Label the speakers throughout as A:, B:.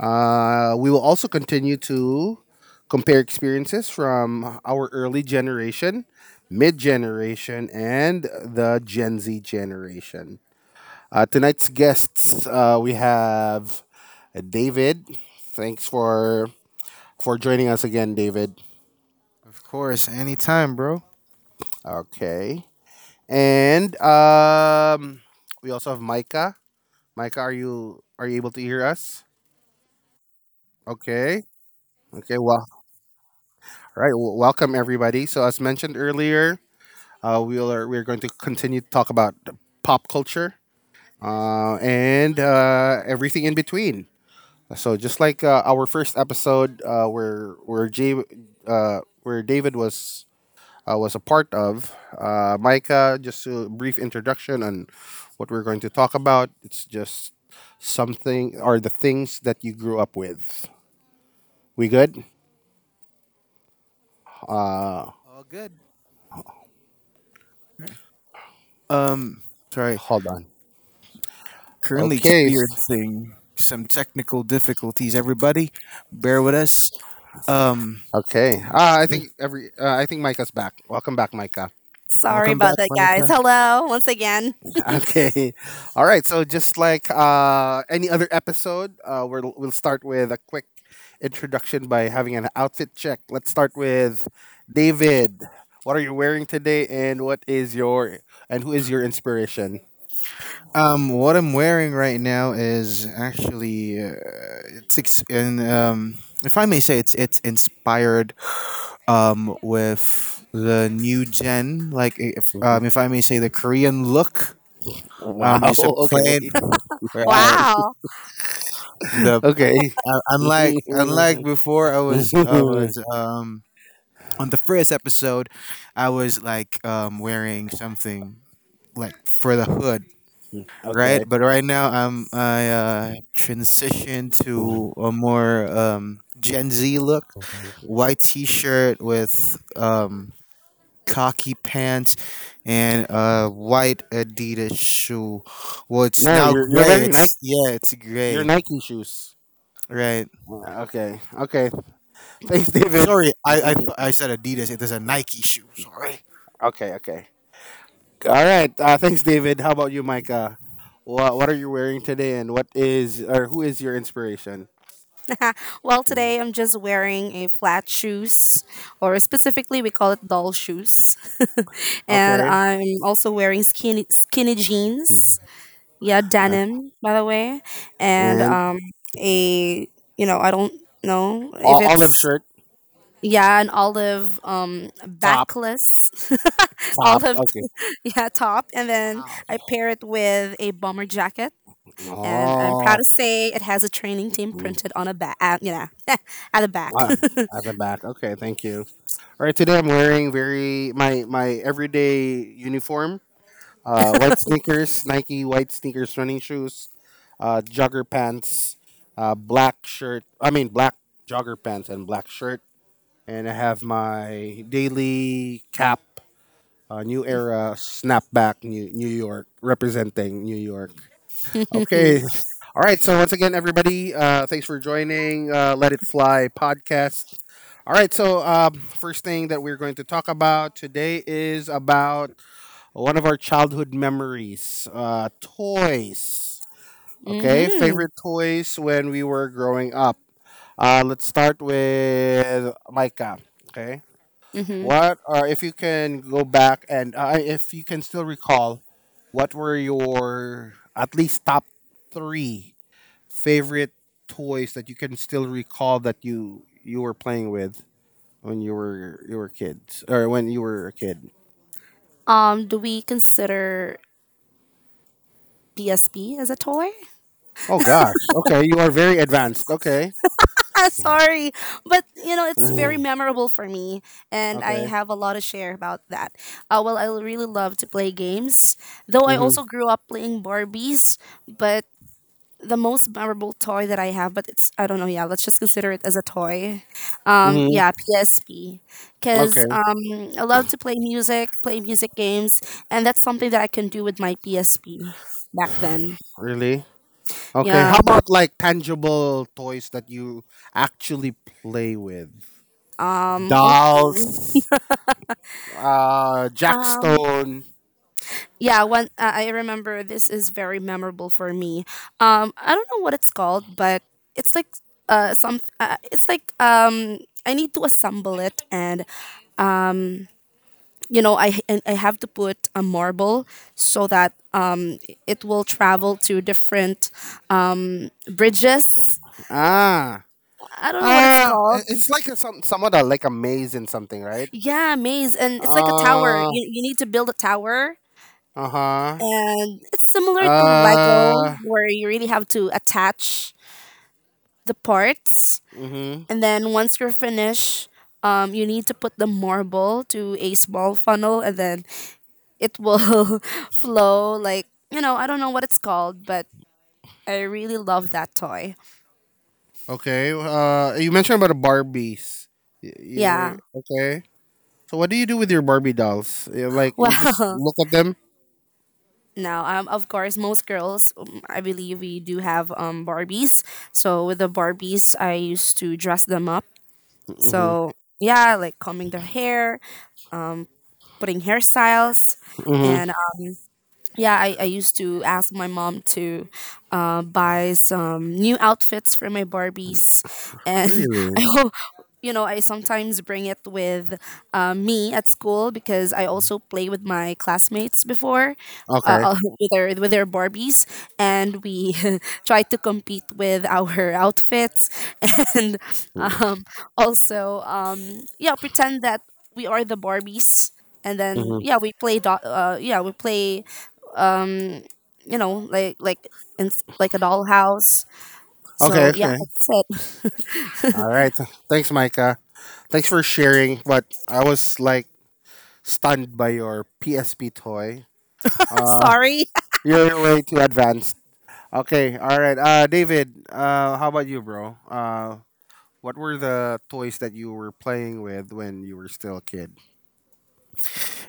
A: We will also continue to compare experiences from our early generation, mid generation, and the Gen Z generation. Tonight's guests, we have David. Thanks for joining us again, David.
B: Of course, anytime, bro.
A: Okay, and we also have Micah. Micah, are you able to hear us? Okay. Okay. Well. All right. Well, welcome everybody. So as mentioned earlier, we're going to continue to talk about pop culture and everything in between. So just like our first episode, where Jay, where David was a part of, Micah. Just a brief introduction on what we're going to talk about. It's just something or the things that you grew up with. We good? Uh,
B: All good. Um, sorry.
A: Hold on.
B: Currently
A: Okay.
B: experiencing some technical difficulties. Everybody, bear with us. Um,
A: Okay. I
B: yeah,
A: think every. I think Micah's back. Welcome back, Micah.
C: Sorry
B: welcome
C: about
B: back,
C: that, guys.
B: Monica.
C: Hello, once again.
A: Okay. All right. So just like any other episode, we'll start with a quick introduction by having an outfit check. Let's start with David. What are you wearing today, and what is your and who is your inspiration?
B: What I'm wearing right now is actually it's ex- and if I may say, it's inspired with the new gen, like if I may say, the Korean look. Um,
A: Wow.
B: just a plain,
A: Okay.
B: right?
C: Wow.
B: The
A: Okay.
B: unlike Unlike before, I was on the first episode, I was like wearing something like for the hood, right?
A: Okay.
B: But right now I'm I transitioned to a more Gen Z look, white T-shirt with khaki pants and a white Adidas shoe. Well, it's
A: No,
B: now
A: you're
B: gray.
A: wearing Nike.
B: It's, yeah, it's
A: Your
B: gray.
A: Nike shoes.
B: Right.
A: Okay. Okay. Thanks, David.
B: Sorry, I said Adidas. It is a Nike shoe. Sorry.
A: Okay. Okay. All right. Thanks, David. How about you, Micah? What are you wearing today, and what is or who is your inspiration?
C: Well,
A: Mhm.
C: today I'm just wearing a flat shoes, or specifically, we call it doll shoes. And
A: Okay.
C: I'm also wearing skinny
A: Mhm.
C: jeans. Yeah,
A: Uh,
C: denim, by the way. And
A: And
C: a, you know, I don't know if
A: o- olive
C: it's,
A: shirt,
C: yeah, an olive
A: top,
C: backless,
A: top.
C: olive,
A: Okay.
C: yeah, top. And then
B: Wow.
C: I pair it with a bomber jacket and I'm proud
A: Oh,
C: to say it has a training team
A: Mm.
C: printed on a back, you know, at the back.
A: Wow. At the back. Okay. Thank you. All right. Today I'm wearing very my everyday uniform. White sneakers, Nike white sneakers, running shoes, jogger pants, black shirt. I mean black jogger pants and black shirt, and I have my daily cap, New Era snapback, New York, representing New York.
C: hmm
A: Okay, all right. So once again, everybody, thanks for joining Let It Fly podcast. All right, so first thing that we're going to talk about today is about one of our childhood memories, toys. Okay,
C: hmm
A: favorite toys when we were growing up. Let's start with Micah. Okay. What or if you can go back and if you can still recall, what were your at least top three favorite toys that you can still recall that you were playing with when you were kids or when you were a kid?
C: Do we consider PSP as a toy?
A: Oh gosh. Okay, you are very advanced. Okay.
C: Sorry, but you know it's very
A: Mm,
C: memorable for me, and I
A: okay.
C: have a lot to share about that. Well, I really love to play games, though I
A: Mhm.
C: also grew up playing Barbies, but the most memorable toy that I have, but it's I don't know. Yeah, let's just consider it as a toy.
A: Mhm.
C: Yeah, PSP,
A: Okay.
C: because I love to play music games, and that's something that I can do with my PSP back then.
A: Really? Okay.
C: Yeah.
A: How about like tangible toys that you actually play with?
C: Okay.
A: Dolls, Jack
C: Um.
A: Stone.
C: Yeah. One. I remember this is very memorable for me. I don't know what it's called, but it's like some. It's like I need to assemble it and um you know I have to put a marble so that it will travel to different bridges.
A: Ah.
C: I don't know what it's
A: Ah,
C: called.
A: it's like a, somewhat a, like a maze in something, right?
C: Yeah, maze, and it's like a tower.
A: Uh,
C: You need to build a tower,
A: uh-huh.
C: and it's similar to Lego,
A: Uh,
C: where you really have to attach the parts,
A: mhm.
C: and then once you're finished. You need to put the marble to a small funnel and then it will flow like I don't know what it's called but I really love that toy.
A: Okay. You mentioned about the Barbies. You
C: Yeah.
A: were okay. So what do you do with your Barbie dolls? You, like you just
C: Well,
A: look at them?
C: now, of course, most girls, I believe, we do have Barbies. So with the Barbies, I used to dress them up.
A: Mhm.
C: So yeah, like combing their hair, putting hairstyles,
A: Mhm.
C: and yeah, I used to ask my mom to buy some new outfits for my Barbies. And
A: Really?
C: I hope, you know, I sometimes bring it with me at school because I also play with my classmates before.
A: Okay.
C: With their Barbies, and we try to compete with our outfits, and um, also yeah, pretend that we are the Barbies, and then
A: Mhm.
C: yeah, we play. Yeah, we play um you know like in, like a dollhouse
A: Okay,
C: so yeah
A: okay.
C: that's it.
A: All right. Thanks, Micah. Thanks for sharing, but I was like stunned by your PSP toy. Uh,
C: Sorry.
A: you're way too advanced. Okay, all right. David, how about you, bro? What were the toys that you were playing with when you were still a kid?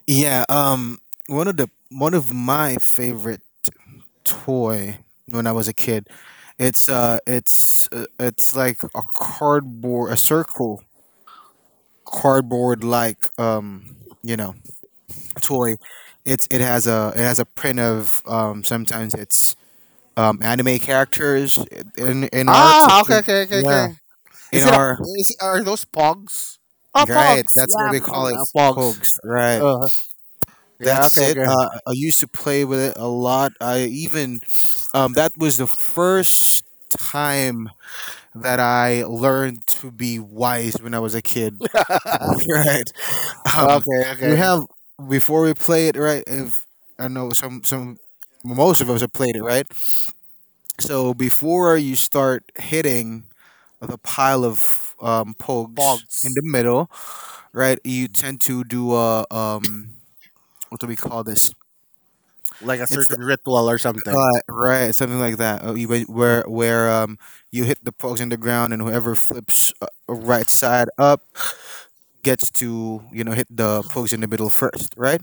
B: Yeah. One of my favorite toy when I was a kid. It's like a cardboard, a circle cardboard like You know, toy. It's, it has a print of Sometimes it's anime characters in art.
A: Ah, okay.
B: Yeah. In
A: Is it a?
B: our,
A: Is it, are those pogs?
C: Oh,
B: right,
C: pogs.
B: that's what
C: Yeah,
B: we call
A: Mm,
B: it,
C: pogs,
A: Pogs.
B: pogs. Right,
A: Uh, yeah.
B: that's
A: Okay.
B: it.
A: Okay.
B: I used to play with it a lot. I even, that was the first time that I learned to be wise when I was a kid. Right. Um,
A: Okay.
B: we
A: Okay.
B: have before we play it. Right. If I know, some most of us have played it. Right. So before you start hitting the pile of pogs in the
A: Pogs,
B: middle, right, you tend to do a what do we call this?
A: like a
B: It's
A: certain ritual or something.
B: right, something like that. You, where you hit the pucks in the ground, and whoever flips right side up gets to, you know, hit the pucks in the middle first, right?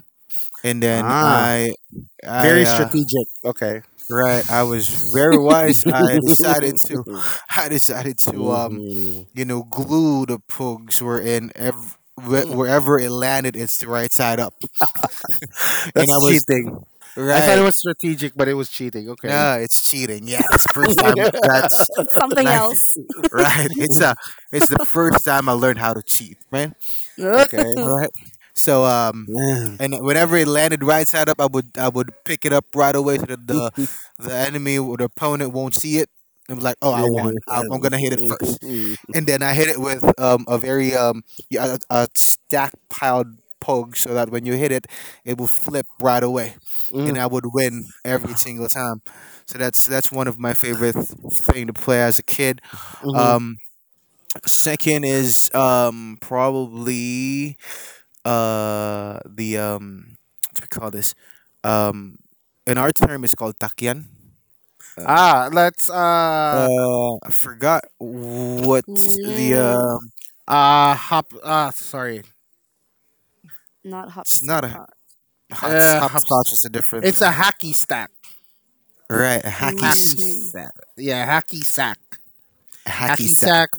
B: And then
A: Ah,
B: I
A: very strategic. Okay.
B: right, I was very wise. I decided to I decided to,
A: hmm
B: you know, glue the pugs where in wherever it landed, it's the right side up, and I
A: That's
B: was
A: cheating. I thought
B: right.
A: it was strategic, but it was cheating. Okay.
B: No, it's cheating. Yeah, that's first time.
A: Yeah.
B: That's
C: it's something
B: like
C: else.
B: right. It's a. It's the first time I learned how to cheat, man.
C: Ugh.
A: Okay.
B: All right. So,
A: Yeah.
B: and whenever it landed right side up, I would pick it up right away so that the the enemy or the opponent won't see it. And be like, oh, I won.
A: Yeah.
B: I'm gonna hit it first, and then I hit it with a very, yeah, a stack piled poke so that when you hit it, it will flip right away, and
A: Mm,
B: I would win every single time. So that's one of my favorite thing to play as a kid.
A: Mhm.
B: Um, Second is, probably, the, what do we call this? Um, in our term, it's called takyan. Uh,
A: Ah, let's
B: I forgot what the
C: mm,
A: hop sorry.
C: Not
B: It's
C: hops
B: not a hot,
A: Hops.
B: hopscotch is a different
A: It's a
B: thing.
A: hacky stack.
B: Right,
A: Hacky
C: mhm.
A: sack. Yeah, hacky sack.
B: hacky
A: Hacky
B: sack.
A: sack.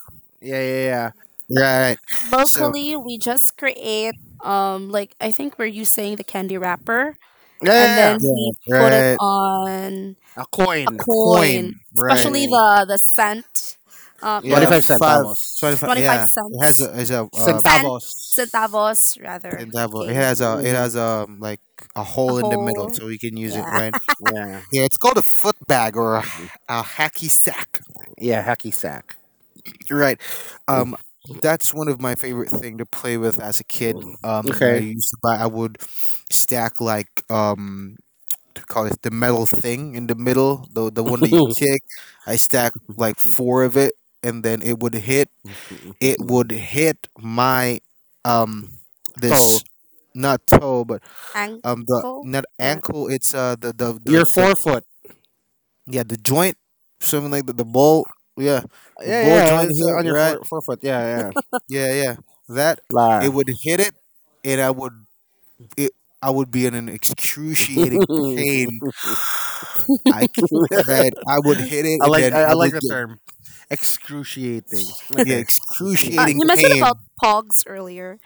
A: Yeah, yeah, yeah.
B: Right. So
C: Locally we just create like I think we're using the candy wrapper
A: Yeah,
C: and
A: yeah,
C: then
A: yeah.
B: yeah,
C: we put it
B: right.
C: on
A: A
C: a
A: coin.
B: A coin.
C: coin,
A: Yeah,
B: Right.
A: yeah.
C: especially
A: yeah.
C: the cent you
B: Yeah,
A: 25
C: know
B: five
A: centavos.
B: twenty five.
C: 25
B: Yeah, it has
C: cents
B: a, is a
C: San
A: Centavos.
C: centavos rather.
B: it it
C: Okay,
B: has a,
A: Hmm
B: like a
C: a
B: hole in the middle,
C: whole
B: so we can use it.
C: yeah
B: Right.
A: Yeah.
B: Yeah, it's called a foot bag or a hacky sack.
A: Yeah, hacky sack.
B: Right. Um. That's one of my favorite thing to play with as a kid.
A: Mm-hmm.
B: I
A: Okay.
B: used to buy. I would stack like, to call it, the metal thing in the middle, the one that you kick. I stack like four of it, and then it would hit. It would hit my, um this,
A: so
B: not toe, but, the,
C: ankle.
B: not
C: What?
B: ankle. It's The, the
A: your
B: the, the
A: forefoot.
B: yeah, the joint, something like the, ball. Yeah, the
A: Yeah,
B: ball
A: yeah,
B: joint
A: it's
B: here,
A: on your
B: right?
A: forefoot. Yeah.
B: Yeah, yeah. That, it
A: La.
B: would hit it, and I would it. I would be in an excruciating pain. I c- right? I would hit it,
A: I
B: and
A: like
B: then
A: I
B: I
A: like
B: would,
A: the term. Excruciating.
B: yeah,
A: Okay.
B: excruciating
C: You mentioned
B: pain.
C: about pogs earlier.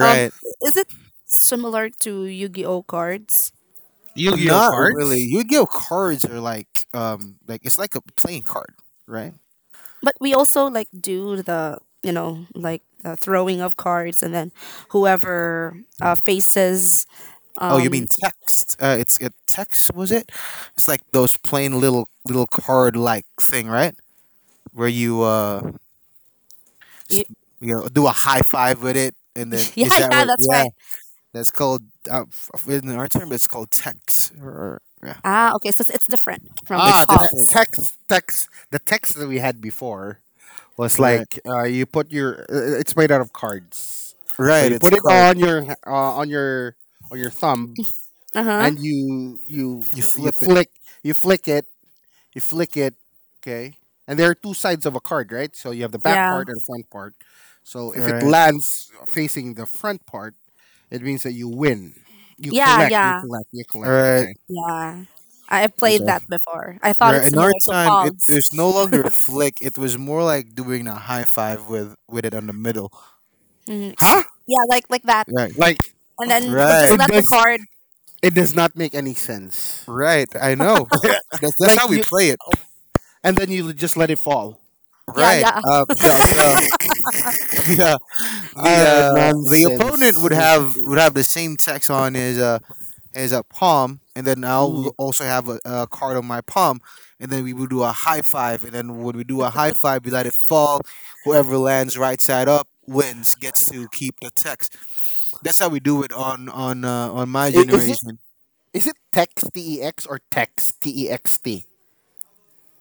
C: Um, is it similar to Yu-Gi-Oh cards?
A: Yu-Gi-Oh
B: Not really.
A: cards.
B: Yu-Gi-Oh cards are like, like, it's like a playing card, right?
C: But we also like do the you know like the throwing of cards and then whoever faces
B: Oh, you
C: um
B: mean text? It's, it text, was it? It's like those plain, little card like thing, right? Where you, s-
C: y-
B: you know, do a high five with it, and then
C: yeah,
B: is that
C: yeah,
B: what?
C: that's
B: Yeah,
C: right.
B: that's called, in our term, it's called text. Or, yeah,
C: Ah, okay, so it's different from
B: it's
A: Ah,
B: different,
C: pogs.
A: text. The text that we had before was
B: right?
A: like you put your. It's made out of cards, so
B: Right,
A: you
B: it's
A: put
B: a
A: it
B: card.
A: on your on your thumb
C: uh huh
A: and you you
B: You
A: you
B: flip it,
A: flick you flick it you flick it, okay, and there are two sides of a card, right? So you have the back
C: yeah,
A: part and the front part. So
B: all
A: if it
B: right?
A: lands facing the front part, it means that you win, you
C: yeah,
A: collect you
C: yeah.
A: collect you
B: All
A: collect.
B: right.
A: Okay.
C: Yeah, I played
A: Okay,
C: that before. I thought
B: Right.
C: it's
B: In
C: similar
B: our
C: to
B: time, it
C: Pogs.
B: was no longer a flick. It was more like doing a high five with, it on the middle.
C: Hmm.
A: huh?
C: Yeah, like that.
B: Right.
A: Like
C: And then you just
B: Right.
A: it
C: let the
A: does
C: cord.
A: not make any sense.
B: Right. I know. That's how
A: Like
B: we
A: you,
B: play it.
A: and then you just let it fall.
C: Yeah,
B: Right.
C: yeah.
B: The the, opponent
A: Nonsense.
B: would have, the same text on his, palm, and then I'll
A: Mhm.
B: also have a card on my palm, and then we would do a high five, and then when we do a high five, we let it fall. Whoever lands right side up wins, gets to keep the text. That's how we do it on, on my
A: Is
B: generation.
A: It Text TEX or Text T E X T?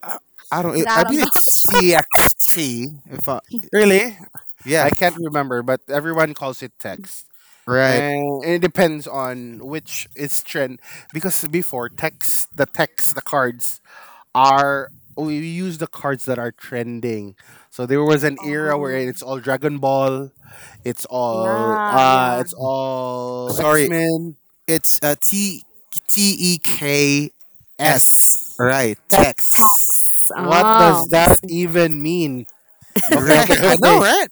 B: I, I don't. I
C: That I'm
B: believe
C: not
B: it's
C: sure.
B: TXT. If I,
A: Really?
B: yeah,
A: I can't remember, but everyone calls it text.
B: right.
A: And it depends on which is trend. Because before, text, the cards are. We use the cards that are trending. So there was an era where
C: Oh,
A: it's all Dragon Ball,
C: yeah, yeah.
A: it's all
B: Sorry,
A: X-Men,
B: it's, TEKS.
A: S
B: Right,
A: text.
B: text.
C: Tax.
A: What does
C: Oh, I
A: that
C: see.
A: even mean?
B: You're
A: Okay,
B: right.
A: okay,
B: I know, right?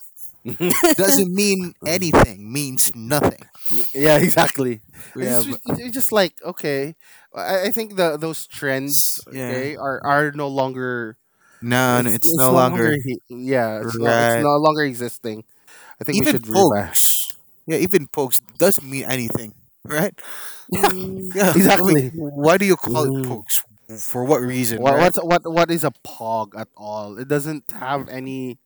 A: okay.
B: Doesn't mean anything. Means nothing.
A: Yeah, exactly. I
B: Yeah,
A: just
B: but
A: it's just like okay, I think the those trends
B: yeah.
A: okay are no longer,
B: No, no, it's
A: it's
B: no
A: no
B: longer
A: longer, yeah, it's not, it's
B: right.
A: no longer existing. I think we
B: Even
A: should revive.
B: pogs. Yeah, even pogs doesn't mean anything, right?
C: Mm,
B: Yeah. Wait,
A: Exactly.
B: why do you call it
A: Mm.
B: pogs? For what reason,
A: What
B: right?
A: what's what is a pog at all? It doesn't have any.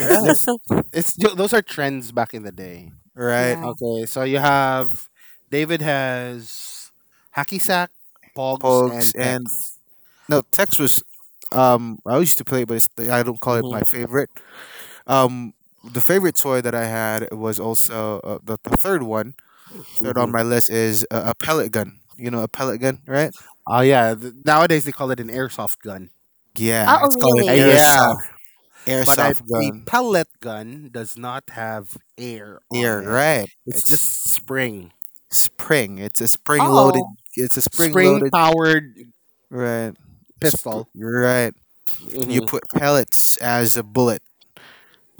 A: It's just it's ju- those are trends back in the day.
B: Right.
C: yeah.
A: Okay, so you have, David has hacky sack, pogs, and
B: Pogs and,
A: text.
B: no, Tex was, I used to play it, but it's, I don't call it
A: Hmm
B: my favorite. Um the favorite toy that I had was also, the third one. Third on my list is a pellet gun. You know a pellet gun, right?
A: Oh yeah. Nowadays they call it an airsoft gun.
B: Yeah,
C: Oh,
B: it's called an
C: really?
A: Yeah, but
B: airsoft
A: a
B: gun.
A: pellet gun does not have air
B: Yeah,
A: on it.
B: right.
A: It's
B: It's
A: just spring,
B: spring. It's a spring
C: Oh,
B: loaded. It's a spring
A: spring
B: loaded.
A: powered
B: Right.
A: pistol.
B: Right. You
A: Hmm
B: put pellets as a bullet.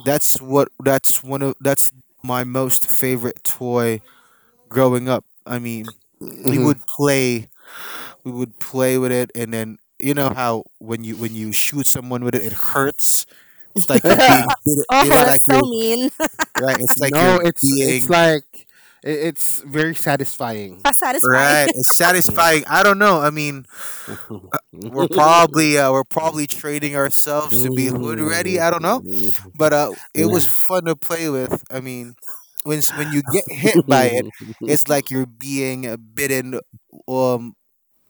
B: That's what. That's one of. That's my most favorite toy growing up. I mean, we
A: hmm
B: would play. We would play with it, and then, you know how when you, when you shoot someone with it, it hurts. It's like you're
A: Yeah,
B: being,
C: oh,
B: it's
A: like
C: that's
B: like
C: so
B: you're,
C: mean.
B: right. It's like you're
A: no,
B: being,
A: it's very satisfying.
C: How satisfying.
B: right. It's satisfying. I don't know. I mean, we're probably, we're probably trading ourselves to be hood ready. I don't know. But, it was fun to play with. I mean, when, when you get hit by it, it's like you're being, bitten, um,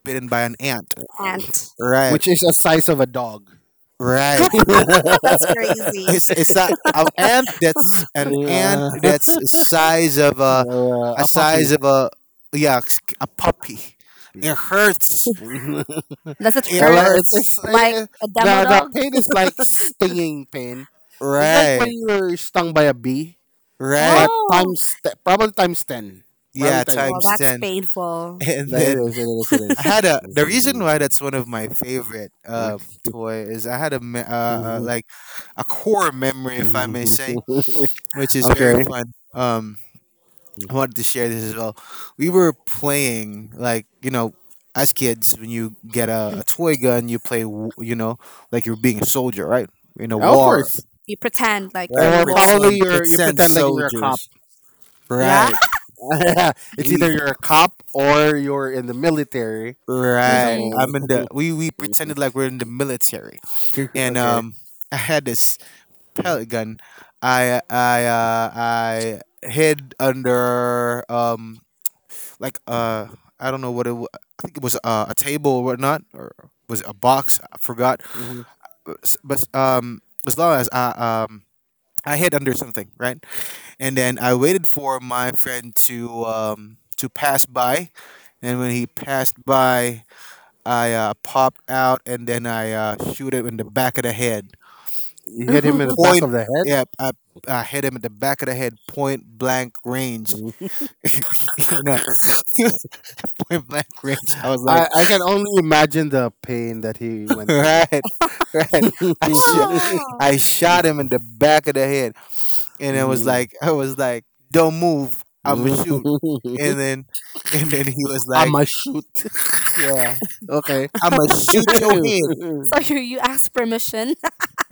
B: bitten by an ant.
C: Ant.
B: Right,
A: Which is the size of a dog,
B: right.
C: Oh, that's crazy.
B: It's a ant, that's an
A: uh,
B: ant that's the size of a,
A: a
B: size
A: puppy.
B: of a, yeah, a puppy. It hurts.
C: Does it
B: It
A: And,
C: hurt
A: like,
B: hurts.
A: it's it,
C: like
A: it,
C: a demo
A: the
C: dog?
A: pain is like stinging pain. It's like when
B: Right,
A: you're stung by a bee,
B: right.
A: but
C: Oh,
A: probably times ten, probably
B: Yeah,
A: times
C: oh,
B: times
A: ten.
C: that's
B: ten,
C: painful.
B: and
A: Like,
B: then
A: it
B: I
A: is.
B: had a, the reason why that's one of my favorite, toy is I had a, like a core memory, if I may say, which is
A: Okay,
B: very fun. Um, I wanted to share this as well. We were playing, like, you know, as kids, when you get a toy gun, you play, you know, like you're being a soldier, right, in a
A: of
B: war,
A: course.
C: You pretend like you're
B: right,
C: in a
A: Or
C: war.
A: probably
B: pretend,
A: you
B: pretend
A: pretend like you're a cop.
B: soldiers,
C: Yeah.
B: right,
A: It's either
B: we,
A: you're a cop or you're in the military, or
B: right,
C: Mm-hmm.
A: something.
B: I'm in the, we pretended like we're in the military, and
A: Okay.
B: I had this pellet gun. I hid under, like, I don't know what it was. I think it was, a table or whatnot, or was it a box? I forgot. But, as long as I, um hid under something, right? And then I waited for my friend to, to pass by, and when he passed by, I, popped out, and then I, shoot him in the back of the head.
A: You hit him in the back
B: Point.
A: of the head.
B: Yeah, I hit him in the back of the head, point blank range. You know, point blank range. I was like,
A: I can only imagine the pain that he went through.
B: right, right. I
A: Mhm.
B: sh-
C: Wow.
B: I shot him in the back of the head, and it was like, I was like, don't move. I'ma shoot. And then and then he was
A: I
B: like,
A: must shoot.
B: yeah,
A: Okay.
B: I'ma shoot your head.
A: At
C: So you ask permission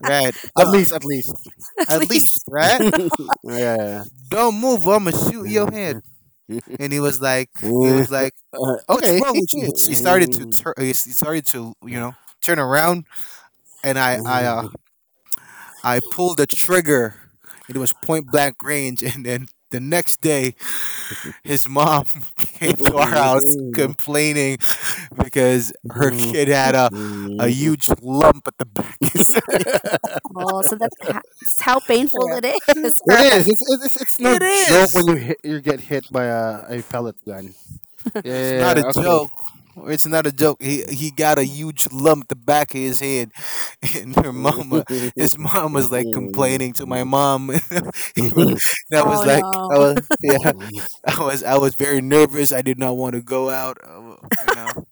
B: Right,
A: least, at
B: done.
A: least.
C: at
B: At least,
C: least.
B: right?
A: Yeah.
B: Don't move. I'ma shoot your head. And he was like, he was like, what's
A: Okay.
B: wrong with you? She started to
A: it
B: turn. He started to, you know, turn around, and I pulled the trigger. It was point blank range, and then the next day his mom came to our house complaining because her kid had a, huge lump at the back
C: Oh, so how painful it is.
A: is. It's no
B: it
A: joke when
B: is.
A: you get hit by a pellet gun.
B: No,
A: Yeah.
B: it's not a
A: Okay.
B: joke. It's not a joke. He got a huge lump at the back of his head, and her mama, his mom, was like complaining to my mom. That was
C: Oh
B: like, I
C: no.
B: was, yeah,
A: All
B: I was very nervous. I did not want to go out. You know,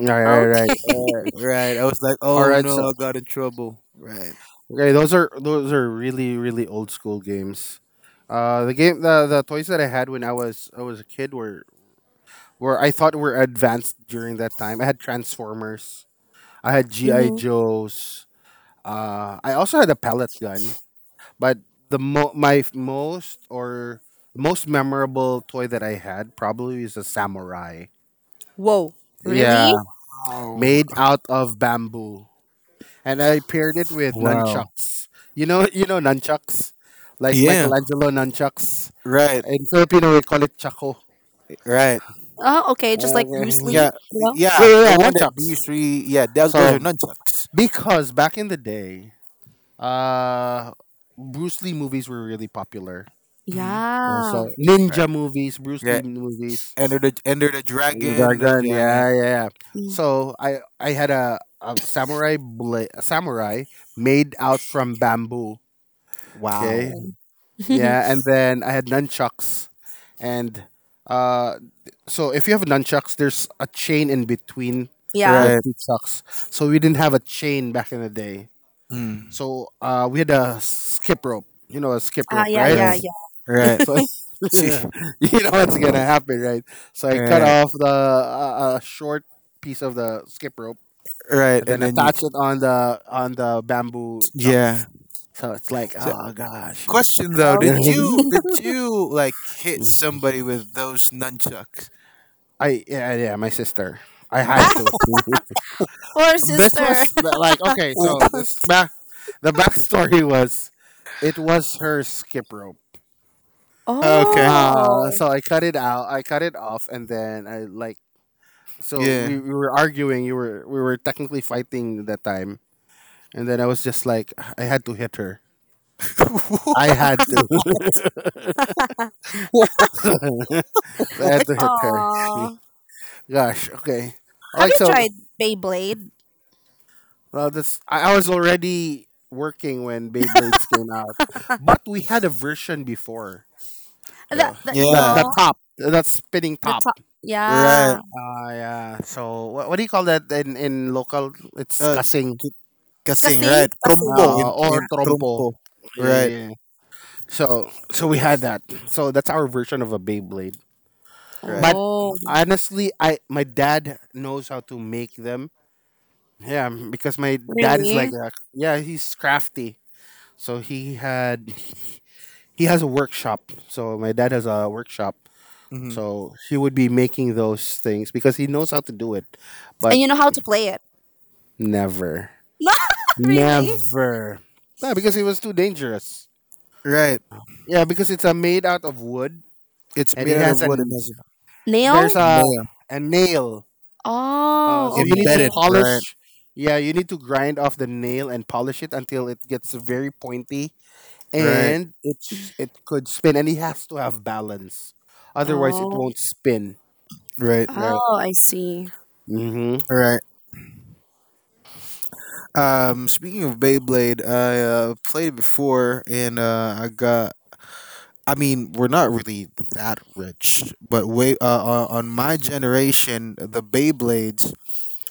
A: right. Right.
C: Okay.
A: Right.
B: yeah, right. I was like,
A: All
B: oh
A: right.
B: no,
A: So
B: I got in trouble. Right.
A: Okay, those are really old school games. The game the toys that I had when I was a kid were I thought were advanced during that time. I had Transformers. I had GI
C: Mhm.
A: Joes. I also had a pellet gun. But the my most or most memorable toy that I had probably is a samurai.
C: Whoa. Really?
A: Yeah,
B: Oh
A: made out of bamboo. And I paired it with
B: wow.
A: nunchucks. You know nunchucks, like
B: Yeah.
A: Michelangelo nunchucks.
B: Right.
A: In Filipino, we call it chako.
B: Right.
C: Oh, okay. Just like Bruce
A: Okay.
C: Lee.
B: Yeah.
C: Yeah.
B: Yeah. The
A: Yeah,
B: one that B
A: nunchucks.
B: three. Yeah. That, those are
A: So
B: nunchucks.
A: because back in the day, uh, Bruce Lee movies were really popular.
B: hmm
A: And
C: Yeah.
A: So
B: Right.
A: ninja movies, Bruce
B: Yeah,
A: Lee movies,
B: Enter the Dragon.
A: dragon.
B: Yeah.
A: Yeah, yeah.
C: Mm,
A: So I had a, a samurai made out from bamboo. Okay.
B: Wow.
C: Okay.
A: Yeah, and then I had nunchucks, and uh, so if you have nunchucks, there's a chain in between the
C: Yeah.
B: Right.
A: two chucks. So we didn't have a chain back in the day.
B: Mm.
A: So we had a skip rope. You know a skip
C: Ah,
A: rope,
C: yeah,
A: right?
C: yeah,
B: Right.
C: yeah.
B: Right.
A: So you
B: Sheesh.
A: know what's gonna happen, right? So I cut
B: Right.
A: off the short piece of the skip rope
B: Right.
A: and
B: And
A: then
B: then you.
A: attach it on the bamboo
B: Yeah.
A: chucks. So it's like,
B: So,
A: oh gosh.
B: question though,
C: Okay.
B: did you like hit somebody with those nunchucks?
A: I yeah yeah my sister. I had
C: Ah,
A: to.
C: poor
A: This
C: sister.
A: was like okay,
B: Ooh.
A: so this backstory was it was her skip rope.
B: Okay.
A: Ah,
C: Oh.
A: so I cut it out. I cut it off, and then I like so
B: Yeah.
A: we were arguing. You were we were technically fighting that time, and then I was just like I had to hit her. I had to. So I had to
B: What?
A: hit her.
C: Aww.
A: Gosh, okay.
C: Have
A: Like
C: you
A: so,
C: tried Beyblade?
A: Well, this I was already working when Beyblades came out, but we had a version before.
C: That,
A: Yeah,
C: that you
A: that
B: Yeah.
C: know
A: top, that spinning
C: the
A: top.
C: top.
B: Right.
C: Yeah.
A: Ah, yeah. So what do you call that in local? It's
B: Uh.
A: kasing
B: k- Kasing.
C: Kasing?
B: Right. Trompo,
C: Kasing.
A: or
B: in
C: Yeah.
A: trompo.
B: trompo. Right.
A: Yeah. So we had that. So that's our version of a Beyblade.
B: Right.
A: But
C: Oh,
A: honestly, I my dad knows how to make them. Yeah, because my dad is
C: really?
A: like a, yeah, he's crafty. So he has a workshop. So my dad has a workshop.
B: hmm
A: So he would be making those things because he knows how to do it, but
C: And you know how to play it?
A: never,
C: No, really?
A: never. Yeah, because it was too dangerous.
B: Right.
A: Yeah, because it's a made out of wood
B: It's
A: and
B: made
A: it
B: out of
A: has
B: wood and
A: an
B: has a
C: Nail?
A: there's a
B: nail
A: a nail. Uh,
C: Oh,
A: so you need to
C: okay.
B: embedded. Right.
A: polish. Yeah, you need to grind off the nail and polish it until it gets very pointy
B: Right,
A: and it could spin and he has to have balance. Otherwise, it
C: Oh,
A: won't spin.
B: right,
A: Right.
C: oh, I see.
A: Mm-hmm.
B: right. Speaking of Beyblade, I played it before, and I got. I mean, we're not really that rich, but way on my generation, the Beyblades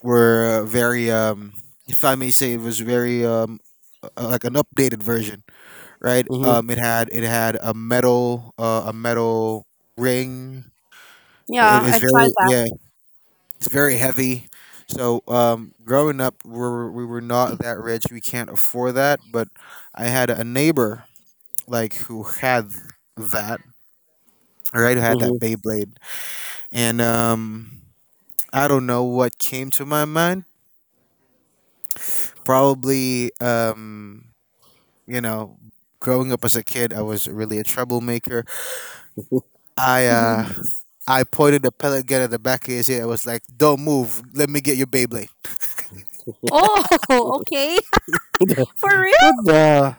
B: were very If I may say, it was very like an updated version, right?
A: Mm-hmm.
B: It had a metal, a metal ring. It
C: Yeah,
B: is
C: I've tried
B: very,
C: that.
B: yeah, it's very heavy. So growing up, we were not that rich. We can't afford that. But I had a neighbor like who had that, right? Who had that
A: Mm-hmm.
B: Beyblade, and I don't know what came to my mind. Probably, you know, growing up as a kid, I was really a troublemaker. I uh, I pointed a pellet gun at the back of his head. I was like, "Don't move. Let me get your Beyblade."
C: Oh, okay. For
A: What
C: real?
A: the?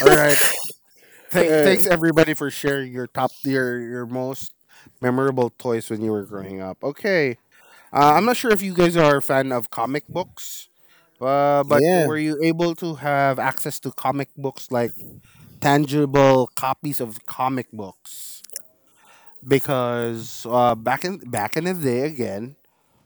A: All right. Thanks
B: Right.
A: everybody for sharing your top your most memorable toys when you were growing up. Okay. I'm not sure if you guys are a fan of comic books, but
B: Yeah.
A: were you able to have access to comic books, like tangible copies of comic books? Because back in the day again,